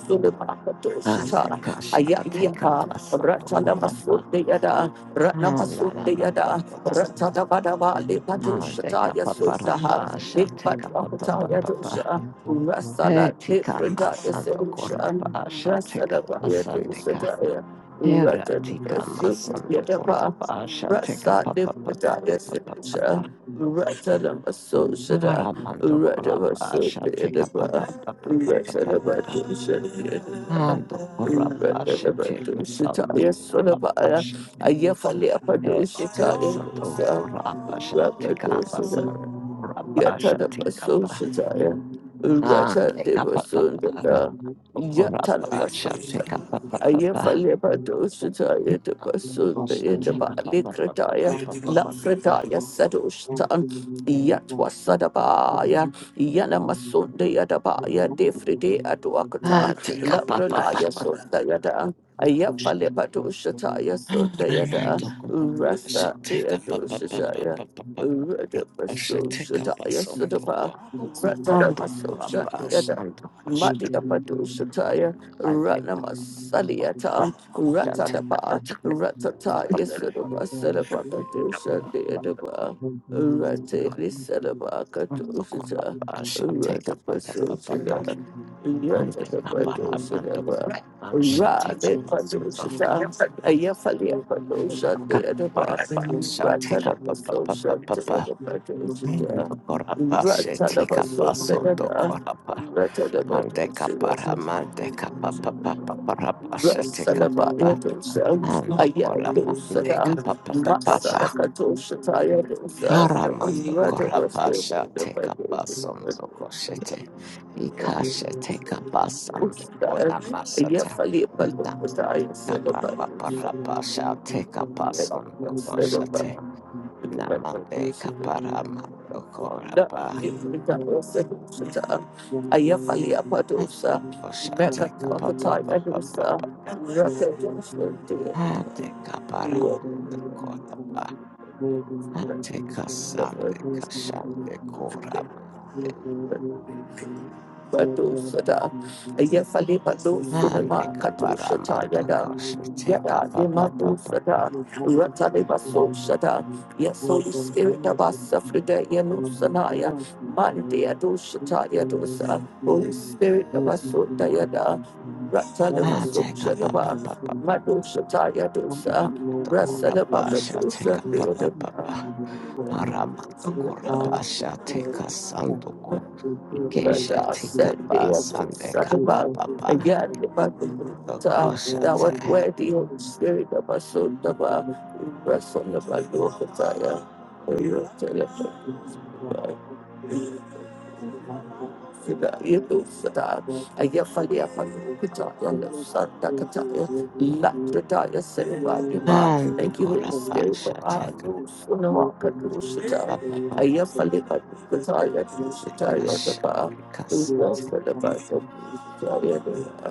A: Sulimaka
C: ande
A: doshita,
C: kashateka
A: Ayapa,
C: pasando koraba
A: Ratanamasut de Yada, Ratnamasut de
C: aramando
A: Yada,
C: koraba
A: Ratanabadava,
C: ande
A: Lipatushita,
C: kapa pa ra
A: Yasudaha,
C: pa shateka pa pa
A: Lipatuakata
C: pa pa pa
A: Yadusha, Rasala,
C: Heretica
A: Liprida
C: masando corapa
A: Yasudusha,
C: ashateca
A: Rasala
C: pasandeca.
A: Yadusha,
C: Heretica
A: Ratanabasut
C: masando
A: Yadapa,
C: corapa ashateca
A: Rasa
C: papa papa
B: you.
A: Liprida
C: papa papa
B: Thank
A: Yasudusha,
C: papa.
A: Ratanamasut
C: Aramando corapa ashateca
A: Radabasundayadaba,
C: papa papa papa papa papa.
A: Rasadabadushandayadaba,
C: Ando corapa ashateca sando
A: Radabadushataya
C: corapa
A: Sunabaya,
C: ashate. Heretica
A: Ayafaliapadushataya
C: sando
A: Dosa,
C: corapa ashateca
A: Rakadusana,
C: pasando corapa ashateca pa.
A: Yatanabasushataya,
C: Ande capa papa.
A: Ratandibasundaya,
C: Corapa
A: Yatanabasusha.
C: ashateca papa papa.
A: Ayafale
B: you.
A: Badoshataya de
C: Ah,
A: Basunda
B: Thank
A: in the Balikrataya, Lafrataya Sadoshatan,
B: you. Thank
A: Yatwasadabaya, Yanamasunda Yadabaya, Defride Adwakatan,
C: take a up, up, up.
A: Labranaya Sunda Yadan. Ayafale Badoshataya Sunda Yada,
C: Orlando Copacabana,
A: Rasa
C: take up, up, up, up, up,
A: Beadoshataya.
C: up, up, up, up,
A: Rada
C: up,
A: Baso
C: take a
A: Shataya
C: us on the
A: Sadaba,
C: go.
A: Ratada
C: Ando
A: Maso
C: Copacabana,
A: Shataya,
C: ando Pasha,
A: Mati Abado
C: I take up, up, up,
A: Ranamasaliyata,
C: up, take up,
A: Ratadaba, Ratata, Yasadaba, Sadaba, Kadosha, Deadaba,
C: up,
A: Ratili
B: you.
A: Sadaba,
B: Thank
C: Ando
A: Kadoshita,
C: Copacabana, take up, up, up, up, up, up.
A: Ratapasoshita,
C: Ando Copacabana,
A: Ratatapadoshita,
C: ando Copacabana, take up
A: Rade
C: us on
A: Padoshita,
C: the go.
A: Ayafalia Padosha, Deadaba,
C: Shall take up a papa
A: Ratanapasosha,
C: papa.
A: Deadapadoshita,
C: The corapa shall take up a
A: Ratanapasosha,
C: son to
A: Deada,
C: corapa. And the
A: Ratanapadoshita.
C: caparaman de capa papa papa shall take up
A: Rasadabaya
C: papa. And the coraman de
A: Ayadosadan
C: capa papa papa.
A: Masadakatoshataya Dosa
C: Haraman the
A: Radavastu
C: corapa shall take up a son
B: you. Thank you.
A: Yafali
B: Thank
A: Palopataya Sedabadusa Sedaba
C: Lamande
A: Rakosita,
C: Caparamando Corapa
A: Ayafali Apadosa Mekat
C: Oshante Capapa
A: Pakataya
C: papa
A: Dosa
C: papa.
A: Rakadosha
C: Ante
A: Thank
C: Caparamando Corapa Ante Casande Casante Coramante
A: you. Badosada,
B: you.
A: Ayefali
B: Thank
C: Ante
A: Badosunama Katushata
C: Caparamando
A: Yada,
C: Cosite
A: Yada
C: Capapa papa.
A: Demadosada, Ratalibaso Shada, Yes, Holy Spirit of us, Afrida Yanusanaya, Mande Adoshata Yadosa, Holy Spirit of us, Sota Yada, Ratalimaso
C: Ante Capapa
A: Shadaba,
C: papa.
B: you.
A: Madoshata
B: Lord,
A: Yadosa,
B: Lord,
C: Namando
B: Lord, for
C: Corapa
B: you.
C: Shate
A: Rasalabakadosa,
B: Lord,
C: Capapa
B: thank you, for
C: papa.
B: you, Lord, for me.
C: Aramando
B: Lord, God,
A: Deodaba.
B: we
C: Corapasha
B: pray
C: take
B: and
C: a
B: thank you.
C: sanduko.
B: We pray
A: Again,
B: and
C: Ikesha
B: we pray
C: take a
B: and
C: bus
B: thank you.
C: and the
B: We pray
C: kapapa.
B: and thank you. We pray and thank you.
C: The
B: We pray
A: that was
C: goshate.
B: and
A: where the Holy
B: thank you.
A: Spirit of us so the
B: We pray
A: bar,
B: and thank
A: rest on the back of
B: you. We
A: the
B: give you all the thanks for
A: tire.
B: you. Our lives are not so
A: Fida
B: far.
A: Yedu Sada,
B: Lord, for you, we
A: Ayafalia
B: give you the
A: Falukita,
B: thanks for
A: and the Santa
B: Lord, we
A: Kataya,
B: you.
A: Lapradaya
B: Thank
A: Silva
B: you.
A: Dima.
C: And the
A: Thank you, Holy Spirit, for
C: Corapasha
A: our
C: take a
A: Luz, Unawaka
C: take a
A: Dushita,
C: papa papa.
A: Ayafalia Kataya,
C: The
A: Dushitaya, the
C: kasha the
A: Ba, the Wolf
C: kasate.
A: of the Ba, the Dushitaya, the Ba.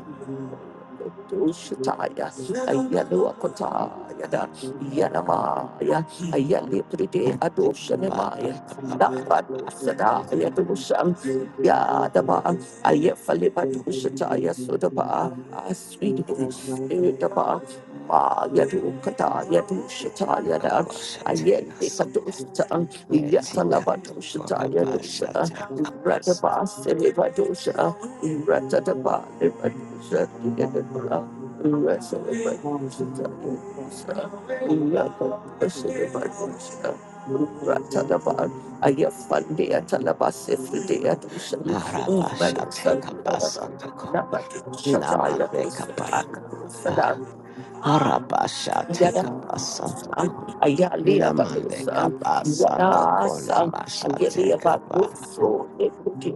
A: Dushataya, Ayaluakotaya, da, Yanamaya, Ayalipride
C: And the
A: Adoshanemaya,
C: kapapa
B: and
C: papa.
B: the first one is
C: And
B: probably
A: Lapadusada,
B: making all one
A: Yadaba,
B: thing to the
A: Ayefaliba
B: then probably one
A: Dushataya
B: thing
A: Sudaba, Ah, sweet Holy
B: to
A: Spirit Daba,
B: the
A: Ma
B: Thank
A: Yadu Kata Yadu
C: the
A: Shataya Da,
C: gosha take a
A: Ayende Kadushata, Yatalaba
C: Etikando
A: Dushataya Dusa,
C: Gorabasha Tekabasa
A: Rataba Siliba Dusha, Ratadaba Liba Dusha, Yadabra, Rasaliba Dushataya Dusa, Yataba Siliba Dusha, Ayafandia Talabasi Fidea Dusan,
C: Arabasha
A: Medusa,
C: Tekabasandoko
A: Nabatu
C: Naman
A: Shataya
C: Bekapara
A: Dusada,
C: Harabasha
A: Yada
C: teka
A: San,
C: basantoko.
A: Ayali
C: Namande
A: Abadusan,
B: you.
C: kabasantoko
A: Wadasan,
C: namasha
A: Angeli
B: Thank
C: teka ba.
A: Abaduso, Deputy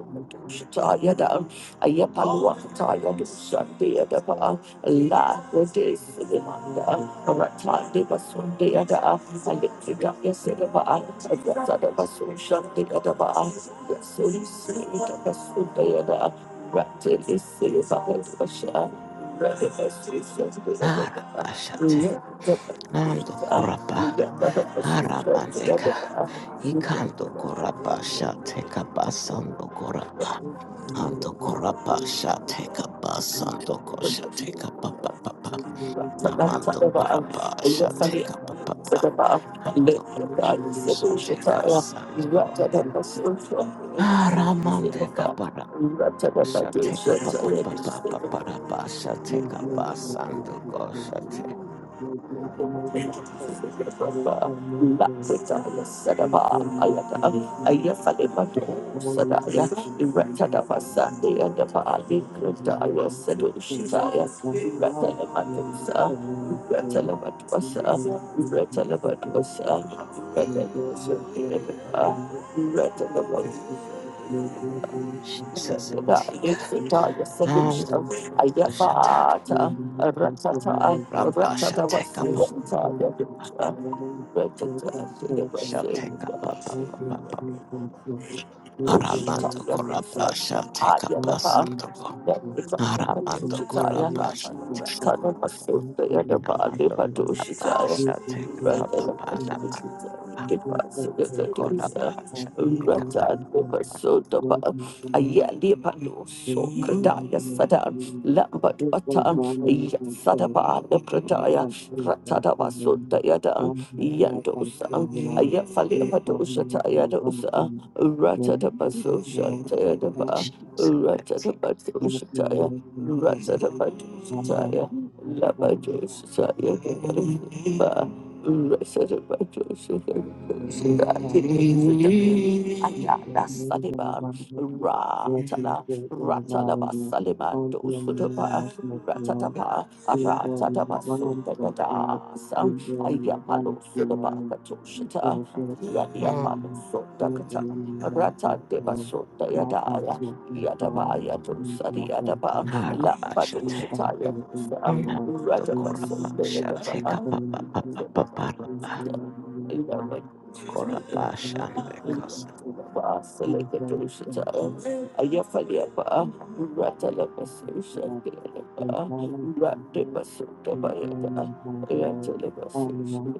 A: Shitaya down, Ayapalwakataya, the Yada, Ayapaluakataya the Deadaba, La Rode Silimanda, Rata Devasun Deada, Alexida Yasedaba, Ayasada Basun Shandeadaba, Yasuri Sita Basun Shanti at the Rattili Silva the Sun, the other, Ratil is Silva, the Basha, Ready Basun
C: Harabasha te.
A: Deadaba. Thank
C: Nando koraba. Haramandeka. Ikando koraba sha teka basando koraba. Ando koraba sha teka basantoko sha teka ba ba ba ba. Namando koraba sha teka ba ba ba. Ando koraba sha teka sandoko. Haramandeka Shall take up up up up
B: you.
C: up up up up
A: you.
C: up. Shall
B: Thank
C: take up us and the gosh.
A: Ratata,
C: Jesus, take and the gosh.
B: you.
A: ratata,
B: Thank
C: Rabba shall
A: ratata,
C: take
A: what's
C: up up.
A: the Ratada Ratada
C: Shall take up up up up up up. Aramando korabba shall take up us and the go. Aramando korabba shall take up. Namando korabba shall take up up up up. Aramando korabba shall take up.
B: you. Thank
A: Basota Yada Yandosa, Ayafali Padosa Tayadosa, Ratata Pasosha Tayadaba,
C: Jesus, I
A: Ratata
C: take
A: Pasosha Taya, Ratata Padosa Taya, Labadosa Taya, Gadaba,
B: you.
A: Ratata Padosa
B: Thank
A: Taya, Ayala Saliban, Ratala, Ratala Basaliman Dosudaba, Ratatapa, Ratatapa Sundadasa. Ayapalo Sulabaka Toshita,
C: Mm.
A: Yadiapalo Sundakata, Rata Deva Sunda Yadaya, Yadabaya Dosa, Yadaba, Lamba
C: Narabashate.
A: Doshita Yadosa,
C: Mm. Namando
A: Radaba Sunda
C: korabasha. Take up,
A: Yadaba.
C: up, up, up,
A: Rata
B: you.
A: Basunda
B: Thank
A: Yadaba, Rata Basunda Yadaba,
C: Korabasha because
A: Rata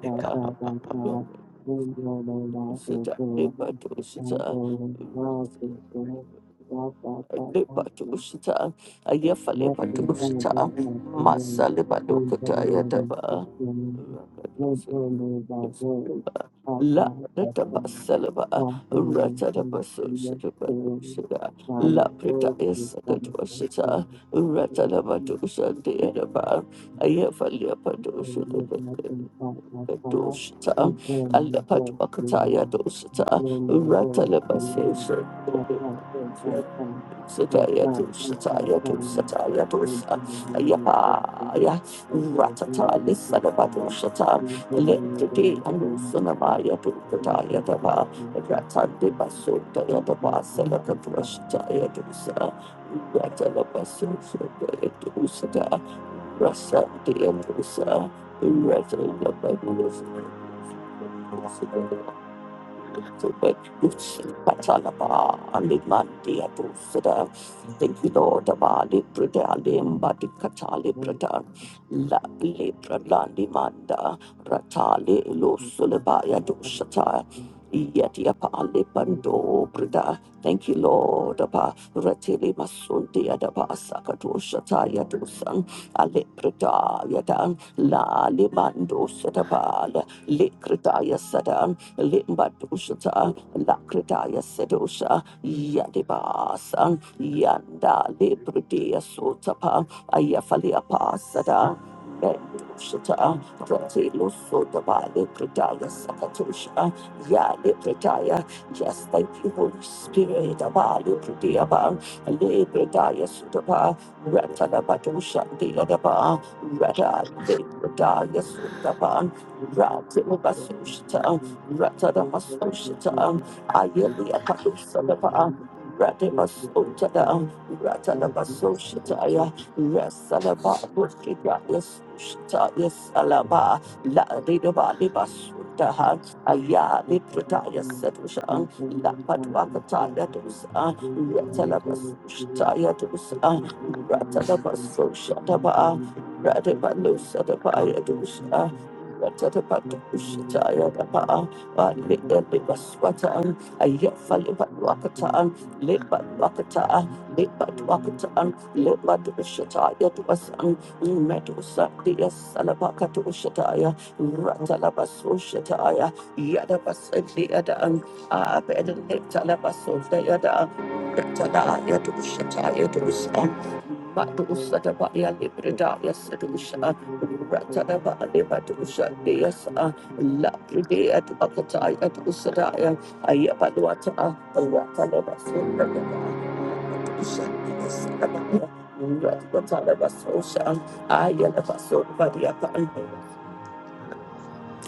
C: Nikapapa
B: you.
A: Lepatosita,
B: Thank
A: Ayafalepatosita, Masalipadokotaya Daba, La Ratabasalaba, Ratatabasoshitabadoshita, La Pritaya Sakatwashita, Ratalabadosha Deadaba,
B: you. I'm going to be
A: Ayafalepadoshita.
B: nothing about my father.
A: Doshita,
B: I'm going to go to you
A: Alepadwakataya
B: now. I'm
A: Doshita,
B: going to go to you. My God, thank
A: Ratalabasation.
B: God, thank My
A: Satayato,
B: God, thank God,
A: Satayato,
B: thank you.
A: Satayato,
B: Thank you, the Lord, thank you.
A: Ayapa, Aya,
B: Thank you, thank
A: Ratata,
B: you, thank you. Thank
A: Lissadabato, Shata,
B: you, Lord, thank you, thank you.
A: to
B: Thank
A: Anusanamaya,
B: you, thank you, thank you, thank you. Thank you, thank you, thank you. Thank you, thank you, thank
A: Pukatayataba, Ratandi
B: you.
A: Baso,
B: Thank
A: Tayataba, Salakatra, Satayato, Ratalabaso, Satayato, Sata, Rasa, Diamosa, Ratalabato, Satayato, Thank you, Lord. Abali Prada Limba di Katali Prada La Lepra Landi Manda Ratali Lusulabaya Dushata Yetia Pali
B: you,
A: Pando Prada. Thank you, Lord. Abba Ratili Masundi Adaba Sakatoshata Yadusan Ale Prada Yadan La Limando Sadabal Likradaya Limbadushata, Lakritaya Sedosha, Yadibasan, Yanda Librudia Sotapa, Ayafalia Pasada. Mendoshata, Ratilo Sotaba, Libritaya Sakatosha, Ya Libritaya. Yes, thank you, Holy Spirit. Abali Pritiaba, Libritaya Sotaba,
B: thank you,
A: Ratanabadosha,
B: thank you.
A: Diadaba,
B: Thank
A: Rada Libritaya Sotaba. Rattle Basusha, Ratadamasoshita, Ayeli Apalusadapa, Radimasotada, Ratanamasoshataya, Rasalaba, Bushita, Yasushita, Yasalaba, La Didaba Libasudaha,
B: you.
A: Ayali Prataya Sedusha, La Patuakataya Dusa, Ratanamasoshataya Dusa, Ratanamasoshataba, Radimalusadapaya Dusa, Ratanapatushataya Dapa. Libaswatan,
B: Thank
A: Ayafalibatwakatan,
F: Thank
A: Libatwakata, Libatwakatan, Libatushataya to us and Medusa, dear Salabaka to Shataya, Ratalabaso Shataya, Yadabas and the other and Abed and Talabaso, the other. Ratalaya to Shataya to us, Madusa da Baya Librida, yes, Dusha, Ratana Baliba Dusha, yes, ah. La Pride at Akatai
B: you.
A: at Usadaya, Ayabaluata, Ratanaba Sundaba, Dusha, yes, Rabaya, Ratana Basosha, Ayana Basun Badiapan,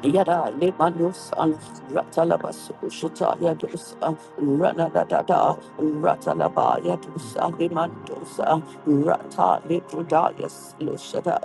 A: Yada Limanus and Ratalabas Shuta Yadus Ranadada Ratalaba Yadus Alimantus Rata Litrudayas Lushada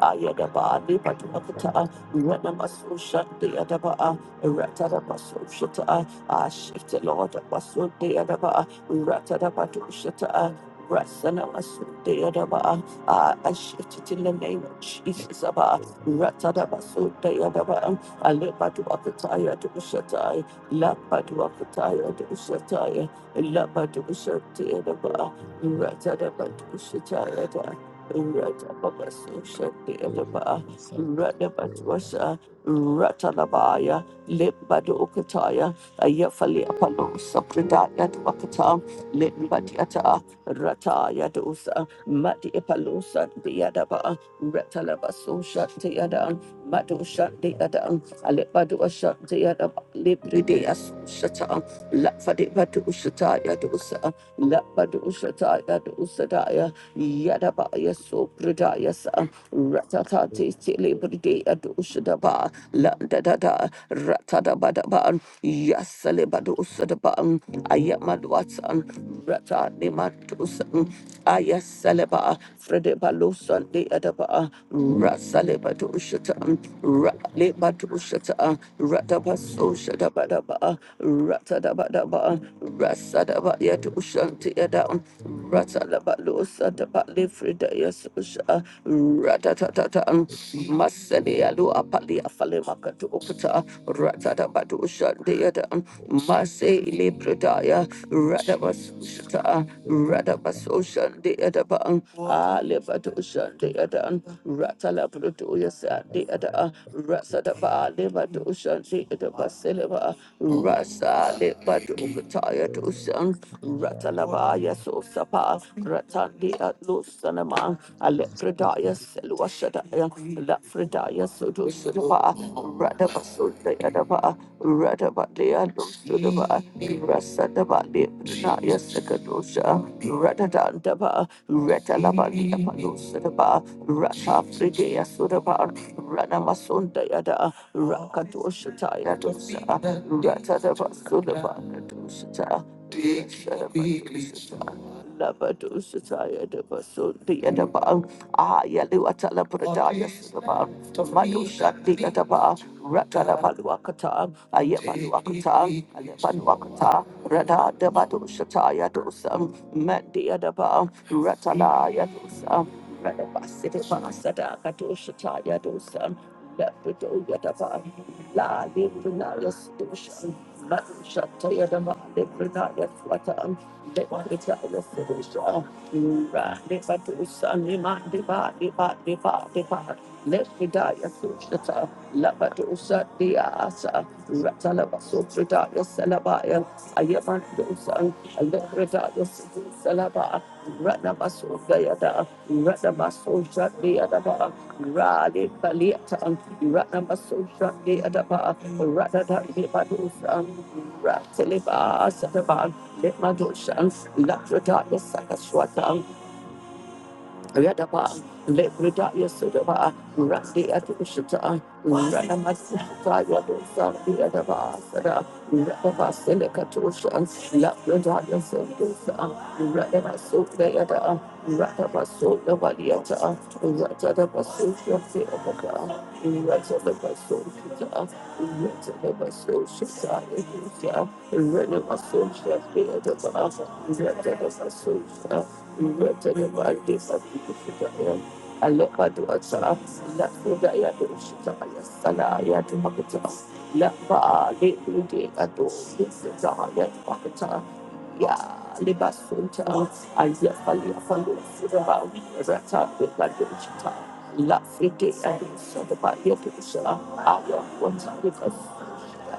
A: Ayadaba Lipaduakata Ranamasu Shandi Adaba Ratadabasu Shuta Ashit the Lord Basu Deadaba Ratadabatu Shuta Rasanamasu Deadaba I shift it in the name of Jesus Abba Ratadabasu Deadaba Alebadwakataya Dushatai, Labadwakataya Dushatai, Labadushatayadaba, Ratadabadushatayada, Ratababasushadayadaba, Ratabadwasa, Ratalabaya, Libadokataya, Ayafali Apalo, Sapradaya Dwakata, Limbadiata, Rataya Dosa, Mati Epalosa, Diadaba, Ratalabasushatayada, Madushatayada. Alebadu Ashanta Yada Libri de Asusata, Lafadi Badu Ushata Yadu Usa, Lafadu Ushata Yadu Usadaya, Yadabaya Supradaya Sa, Ratatati Libri de Adu Ushadaba, Landada, Ratadabadaban, Yasalebadu Usadaban, Ayamadwatan, Ratanimadusan, Ayasaleba, Fredebalusan de Adaba, Rasalebadu Ushatan, Ratlebadu Shata, Ratabaso Shadabadaba, Ratadabadaba, Rasadabaya to Shantiada, Ratalabalo Sadabali Fridaya Susha, ratatatan, Masani Alu Apali Afalemaka to Okata, Ratadabadu Shantiada, Mase Libridaya, Radabaso Shata, Radabaso Shantiada, Alevado Shantiada, Ratalabrudu ada rasa da ba le ba do shanti ada ba seleba rasa le ba do kataya do shan rata la ba ya so sapa rata di atlo sanama ale pradaya selwa shada ya la pradaya so do sapa rata ba so da ada ba rata ba le atlo so da ba rasa da ba le pradaya sekadosha rata da da ba rata la ba le pa lo sada ba rata Afride Sudaba Ranamasunda Yada Rakatoshita Yadosa Ratadaba Sudaba Kadoshita Labadoshita Yadaba Sundi Yadaba Ayaluatala Pradaya Sudaba Manushati Yadaba Ratalabaluakata Ayamaluakata Alepanuakata Rada Dabadoshita Yadosa Mandi Yadaba Ratala Yadosa. Let me die, your Salaba, Radabaso Gayada, Radabaso Shadi Adaba, Radi Baliata, Radabaso Shadi Adaba, Radada Libadusa, Ratiliba Sadaba, Limadusha, Latrada Sakaswata, Yadaba, Lebrida Yasudaba, Randi Atushita, Ranamasata Yadosa, Yadaba, Sada, Radaba Selekatusha, Labrida Yasudosa, Radaba Sota Yada, Radaba Sota Valiata, Ratadaba Sota Yadaba, Ratadaba Sota, Ratadaba Sota Yadosa, Renama Sota Yadaba, Ratadaba susha La frite and so the body of the I want to Right,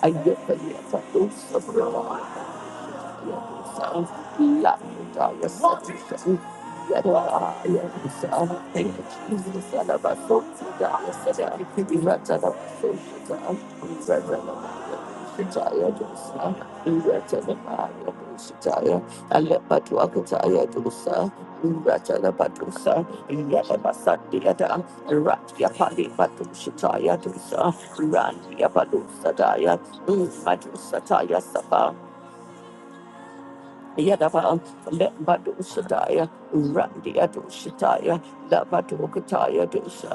A: I get the attacks of the Lord. Thank you, Jesus. I love us so God. I said, I could be right out of my soul. God, I'm right out of my Shitaya dosa, Rata the Maya dosa, and let Batuakataya dosa, Rata the Batusa, Yadabasadiada, Ratia Pali Batushataya Dusa, Randia Balusadaya, Madusataya Sapa, Yadaba Lembado Sadaya Randia Dushataya Labado Kataya Dusa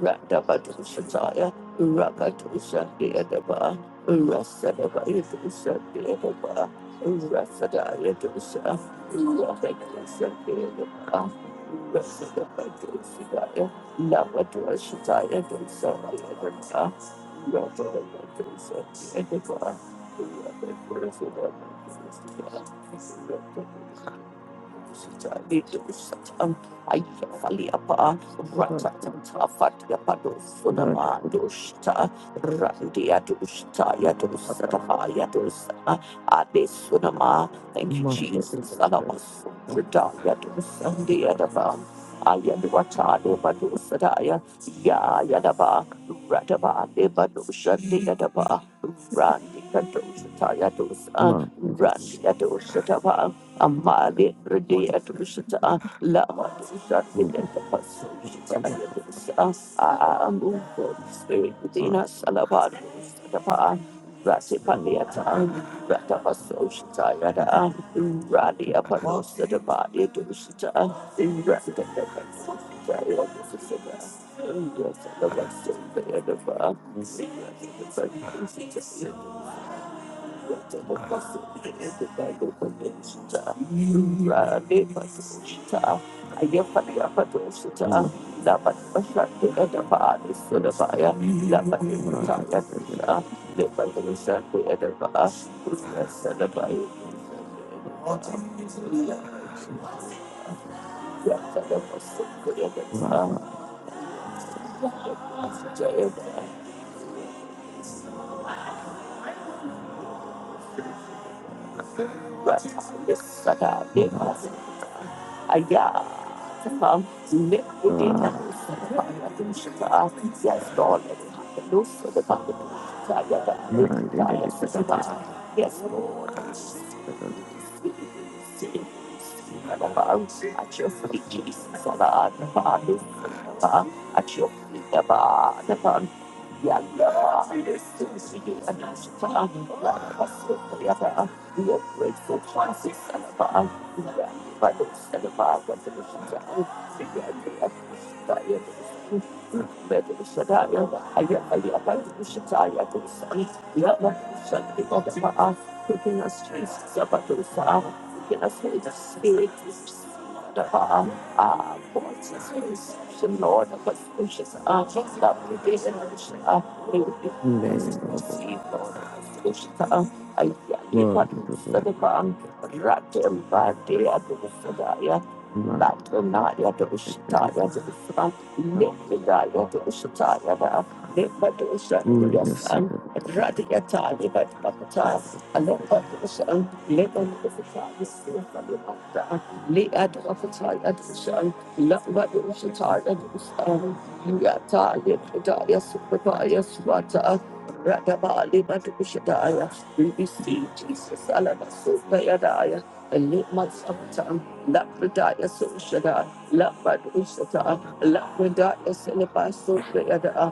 A: Randabado Shataya Rakadusa Deadaba Rasadaba Yadusa Deadaba Rasadaya Dusa Rakadusa Deadaba Rasadaba Dusadaya Labadua Shataya Dusa Yadaba Rasadaba Dusa Deadaba Thank you. Thank
D: it,
A: you,
D: Mandated
A: Jesus. Randi Amali Rudi Adushita Lama Dushati Detapasoshita Ayadusa Amu Holy Spirit within us Alabad Dustapa Rasi Padiata Ratapasoshita Yada Radi Apanosa Dabadi Dushita Rasta Detapasoshita Ayadusa Yes, I love us so bad. Thank you. Yes, Lord, let it happen. Loose for the bucket. Yes, Lord. At your feet, Jesus, on the Father, at your feet, the Father, yeah, yeah, this is you, and I should tell you, we are grateful to our sister, Lord. We are grateful to the Lord, God, for the sister. We are grateful to the Lord. We are grateful to the Lord. I am- I am grateful to the Lord, God, for the sister. We are grateful to the Lord, God, for us. Taking us, Jesus, about the Lord. Taking us, Holy Spirit, the Lord. Ah, Lord, Jesus, Holy Spirit, Lord, of us, gracious, ah, just love you, dear, and gracious, ah, may we be blessed to receive, Lord, of us, gracious, ah, ayali patu sadapam rati ambati adu sadaya Batranaya Doshitaya Dosan, Lipidaya Doshataya Da, Lipadosha Yasan, Radiatali Batwakata, Alopadosan, Lipadoshataya Sifalibata, Liadwakataya Dosan, Lapmadoshataya Dosan, Yatali Pidaya Supapaya Swata, Radabali Badoshataya. We receive Jesus, Alabasupayadaya. Limatsapta, Lapradaya Sushada, Lapadusata, Lapradaya Silapa Sundayada,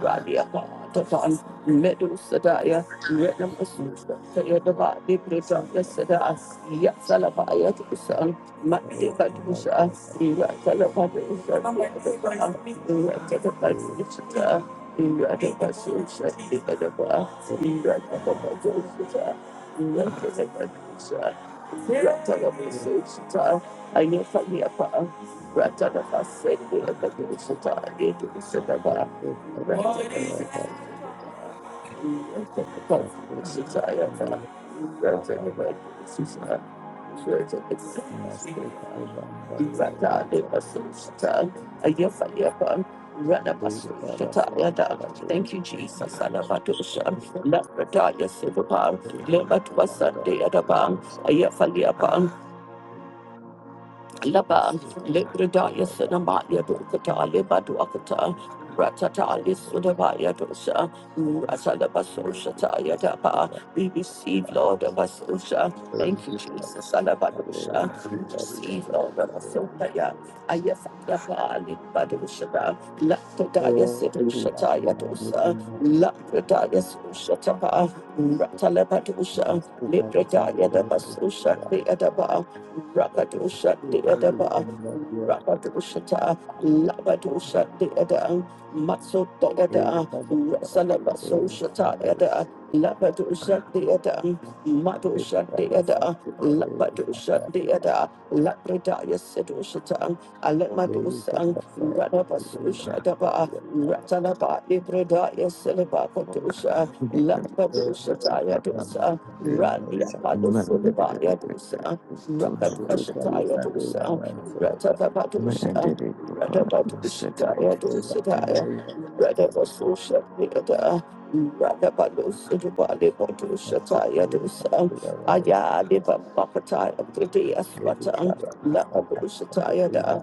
A: Radia Patapan, Medusadaya, Renamasusha, Tayadaba, Dibridaya Sada, Yasalabaya Tusan, Matibadusha, Yasalabadusha, Retakabadushata, Ratakabasusha, Tayadaba, Ratakabadushata, Ratakabadushata. Ratanabusuchita, Ayafaliapa, Ratanafasende, Evangelishita, Evangelishitaba, Thank you, Jesus. Anabadosha, Labradaya Silva, Lebatwa Sunday Adabang,
F: you.
A: Ayafalia Pan, Laban,
F: Masukali
A: Libridaya
F: Kurava
A: Sinamaya Dukata, Liba Duakata, Ratata
F: Sandoka
A: Lissudabaya Dosa, Ratalabasosha Taya Dapa.
F: Kurava
A: We receive, Lord of Asosha. Thank you,
F: Asia
A: Jesus.
F: Sakale
A: Alabadosha. We
F: Daria
A: receive, Lord
F: Right
A: of
F: Above
A: Asotaya. Ayasayapa Libadoshaba. Lapodaya
F: Oh
A: Sidosha Taya
F: Yanga
A: Dosa.
F: Masukali
A: Lapodaya Sosha Tapa. Ratalabadosha.
F: Sandoka
A: Libridaya
F: Right
A: Dabasosha
F: Above
A: Deadaba. Rakadusha
F: Sukali
A: Deadaba,
F: Sandaria
A: Rakadushata, Labadusha Deada, Matso Deada,
F: Eka Basaya
A: Rasalabaso
F: Eka
A: Shata
F: Sandaria
A: Yada, Labadusha Deada, Madusha
F: Eka Basaya
A: Deada,
F: Kale
A: Labadusha
F: Sandaria
A: Deada, Labradaya Sedushata,
F: Eka
A: Alamadusa,
F: Basaya
A: Radabaso
F: Kale
A: Shadaba,
F: Sandaria
A: Ratalaba, Libradaya Selaba Kadusha, Labadushata Yadusa, Randia Padusulaba Yadusa. Rakadoshataya dosa, Ratatabadosa,
D: to party
A: Ratabadoshataya
D: certificate.
A: dosadaya, Ratabasoshatayada, Ratabadosidibali bodoshataya dosa, Ayadiba Bakataya Pridya Swatan, Labadoshatayada,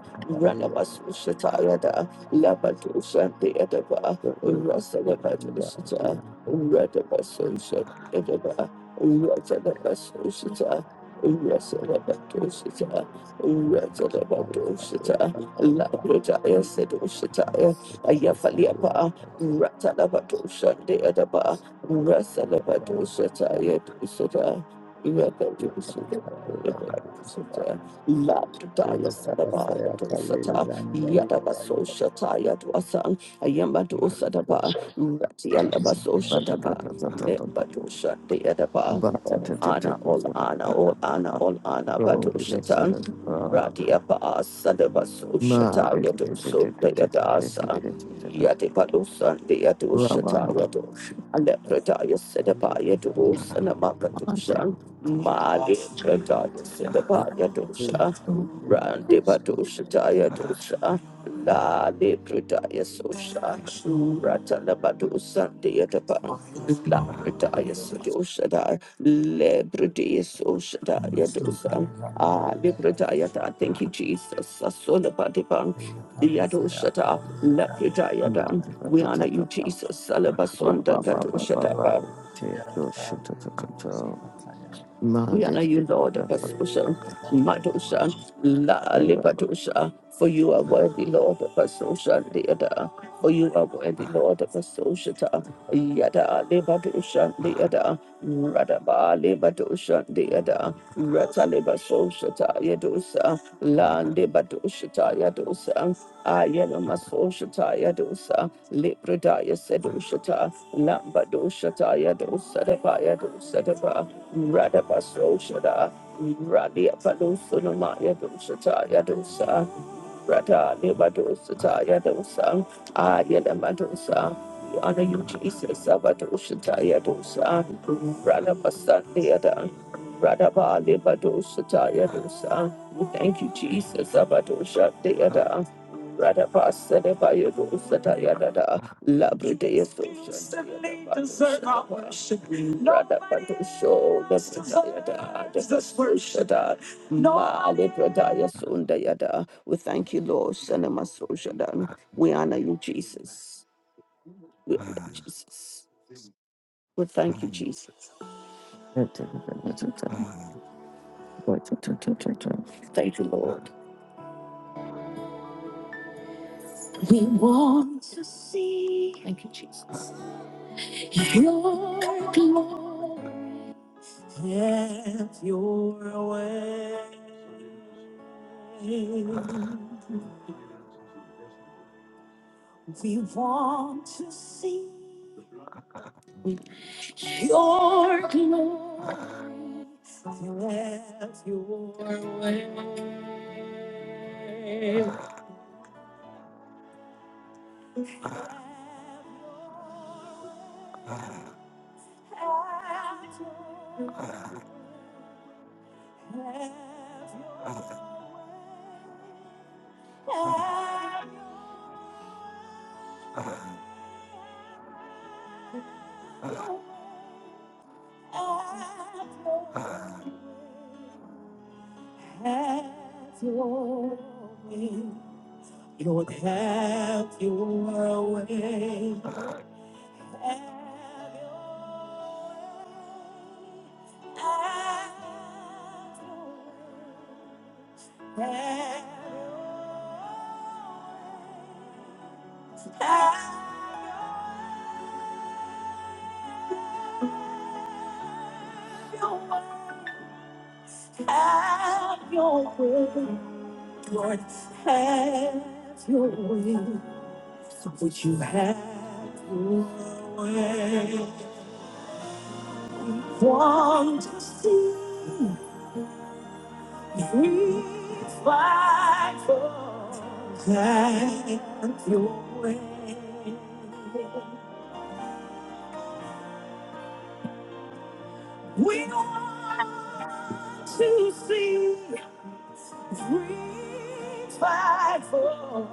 F: Right.
A: Ratabasoshatayada, Labadoshatayadaba, Rasalabadosata, Ratabasoshatayadaba, Ratabasoshatayadaba, Rasadabadosita, Rasadabadosita, Labradaya Sedositaya, Ayafaliapa, Ratalabadosha, Deadaba, Rasalabadosha, Dusita, Rakadosita, Lapdaya Sadabaya
F: Rabasaya
A: Dosata,
F: Kalezandari
A: Yadabaso
F: Raita
A: Shataya Dwasan, Ayamado Sadaba, Ratia Labaso
D: Monday,
A: Shadaba, Lepatusha Deadaba, All Anna, All Anna, All Anna, All Anna, Patushatan. Radia Paas Sadabaso Shataya Doso Deadasa, Yadipalusan Deadushataya Dosa. Alepradaya Sedabaya Dosa Namakadosha Mali Pradaya Sedabaya Dosa Randibadosha
F: Kalezandari
A: Daya Dosa Lali Pradaya Sosha Ratanabadosa Diyadaba La Pradaya Sosha Daya Le Pradaya Sosha Daya Dosa Ah, Libradaya, thank you, Jesus. Asolabadiban. Yadoshata, Lapidayadan. We honor you, Jesus. Salabasunda Gadoshata. We honor you, Lord, of Abasosa, Madosa, La Libadosa, for you are worthy, Lord, of Abasosa, Leada, for you are worthy, Lord, of Abasosata, Yada, Libadosa, Leada, Radaba, Libadosa, Leada, Rata Libasosata, Yadosa, La Libadosata, Yadosa, Ayana Masosata, Yadosa, Libradaya Sedosata, Lambadosata, Yadosa, Daba, Yadosa, Daba, Radabasoshada, Radia Palusunamaya Dushataya Dusa, Rada Libadosa Yadosa, Ayelamadosa. We honor you, Jesus, Sabadoshita Yadosa, Rada Basandiada, Rada Bali Badoshita Yadosa. We thank you, Jesus, Sabadosha Deada. Rada Basada Bayadosa Yadada, Labradea Social. Deserve our worship. Rada Badosho, Labradea Dada, Dada Social Vale pradaya sunda yada. We thank you, Lord. Shanama soshadan. We honor you, Jesus. We honor you, Jesus. We thank you, Jesus. Thank you, Lord. Once. Thank you, Jesus. Once. Lord. Have your One to fight for and you wait to see we fight for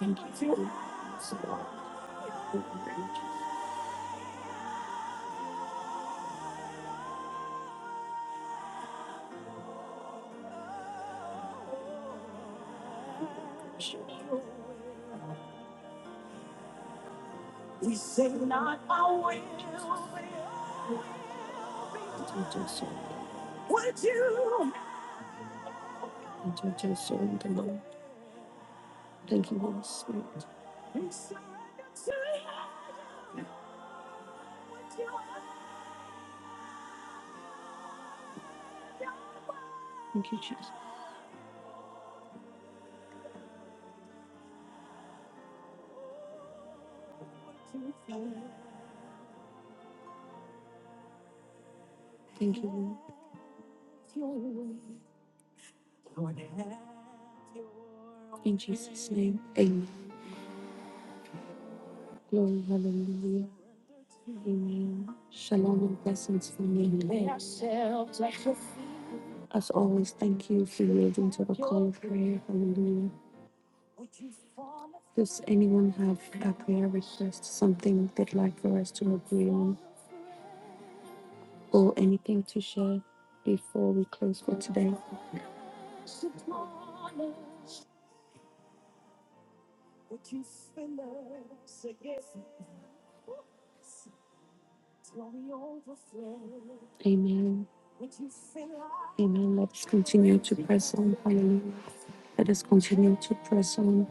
A: you we say not our will Would you? Thank you, Jesus' Intercession, the Lord. Thank you, Holy Spirit. inside would you Thank you, Jesus. Thank you, Lord. In Jesus' name, amen. Glory, hallelujah. Amen. Shalom and blessings for me. As always, thank you for yielding to the call of prayer. Hallelujah. Does anyone have a prayer request, something they'd like for us to agree on? or anything to share before we close for today? Amen. Amen. Let us continue to press on. Hallelujah. Let us continue to press on.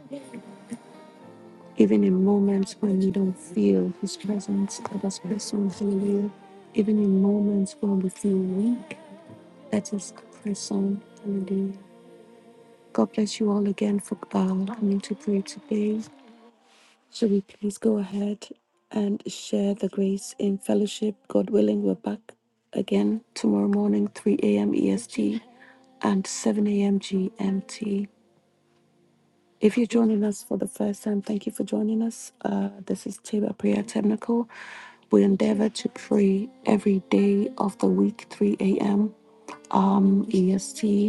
A: Even in moments when we don't feel His presence, let us press on. Hallelujah. Even in moments when we feel weak, let us press on. Hallelujah. God bless you all again for uh, coming to pray today. Shall we please go ahead and share the grace in fellowship? God willing, we're back again tomorrow morning, 3 a.m. EST and 7 a.m. GMT. If you're joining us for the first time, thank you for joining us. Uh, this is Table Prayer Technical. We endeavor to pray every day of the week, 3 a.m. Um, EST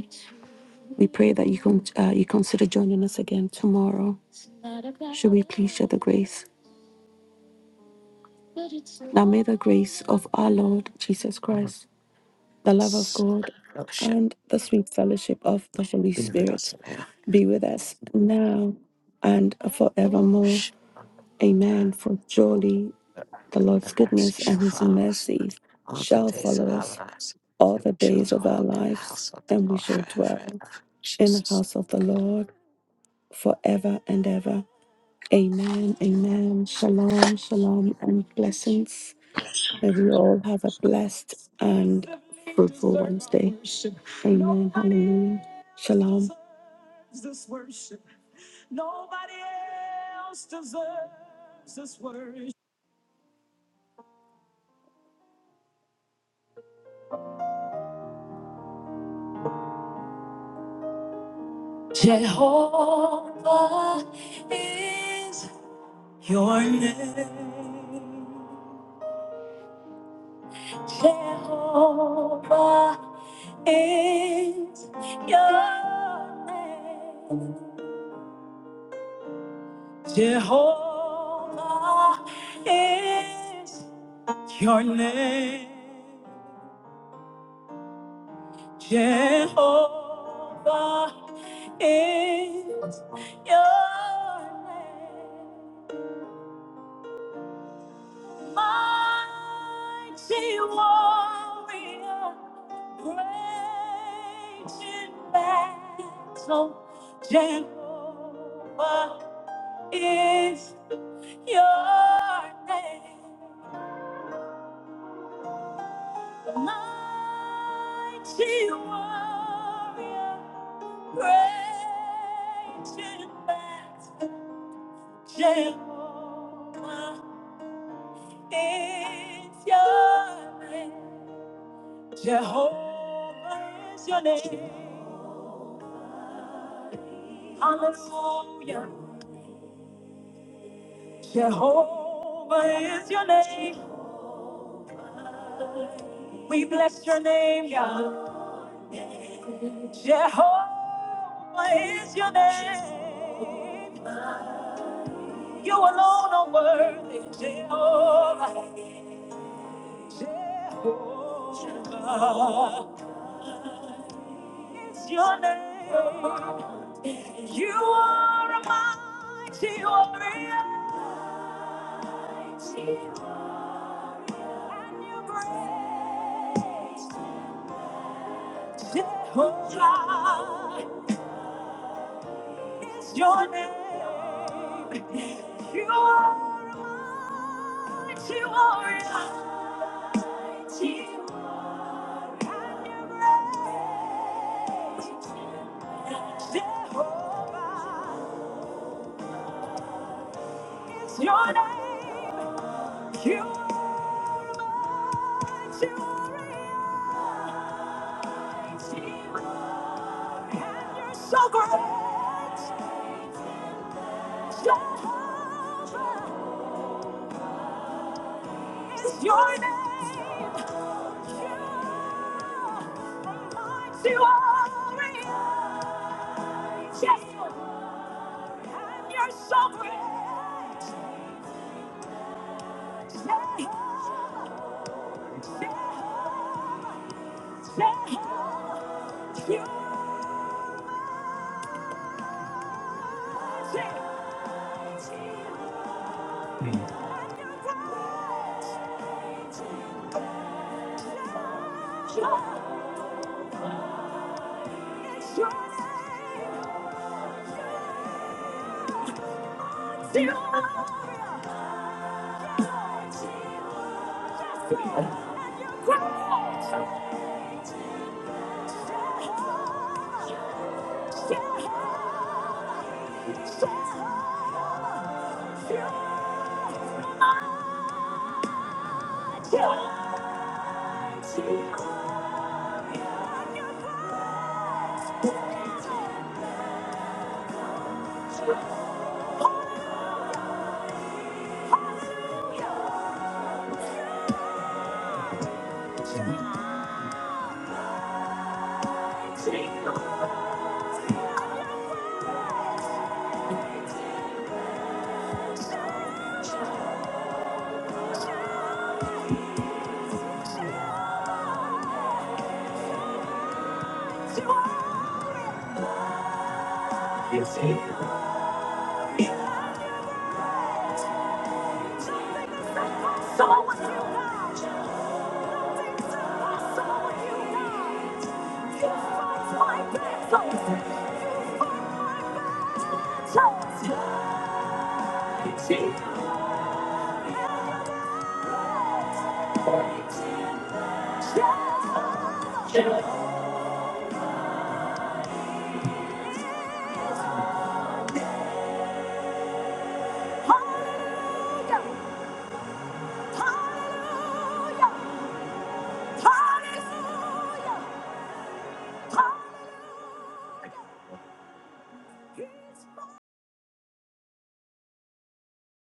A: We pray that you con- uh, you consider joining us again tomorrow. Should we please share the grace? Now may the grace of our Lord Jesus Christ, the love of God,
C: Fellowship
A: and the sweet fellowship of the Holy
C: be with us
A: Spirit
C: now.
A: be with us now and forevermore.
C: Shh.
A: Amen.
C: And
A: For surely the Lord's
C: mercy
A: goodness and
C: shall
A: his
C: follow us.
A: mercies
C: all the
A: shall
C: days of
A: follow
C: our
A: us
C: lives.
A: all
C: And
A: the
C: we shall
A: days of our
C: dwell in the
A: lives,
C: house of the
A: and we
C: Lord
A: shall
C: forever and
A: dwell
C: ever. In
A: in the
C: Jesus'
A: house of the Lord forever and ever. Amen. Amen. Shalom. Shalom. And blessings. May we all have a blessed and fruitful Wednesday. Amen. Hallelujah. Shalom. Jehovah is your name. Jehovah is your name. Jehovah is your name. Mighty warrior, great in battle. Jehovah is your name. Mighty warrior, great in battle. Jehovah is your name. Jehovah is your name. Hallelujah. Jehovah is your name. We bless your name, God. Jehovah is your name. You alone are worthy, Jehovah. Jehovah is your name. You are a mighty warrior. And your grace, Jehovah, is your name. You are a mighty warrior. And your grace, Jehovah, is your name. You are glorious. And you're so great. Jehovah is your name. You are glorious. Yes. And you're so great. Jehovah, Jehovah, Jehovah, you are great. I saw what you did. I saw what you did. My best choice. Hallelujah.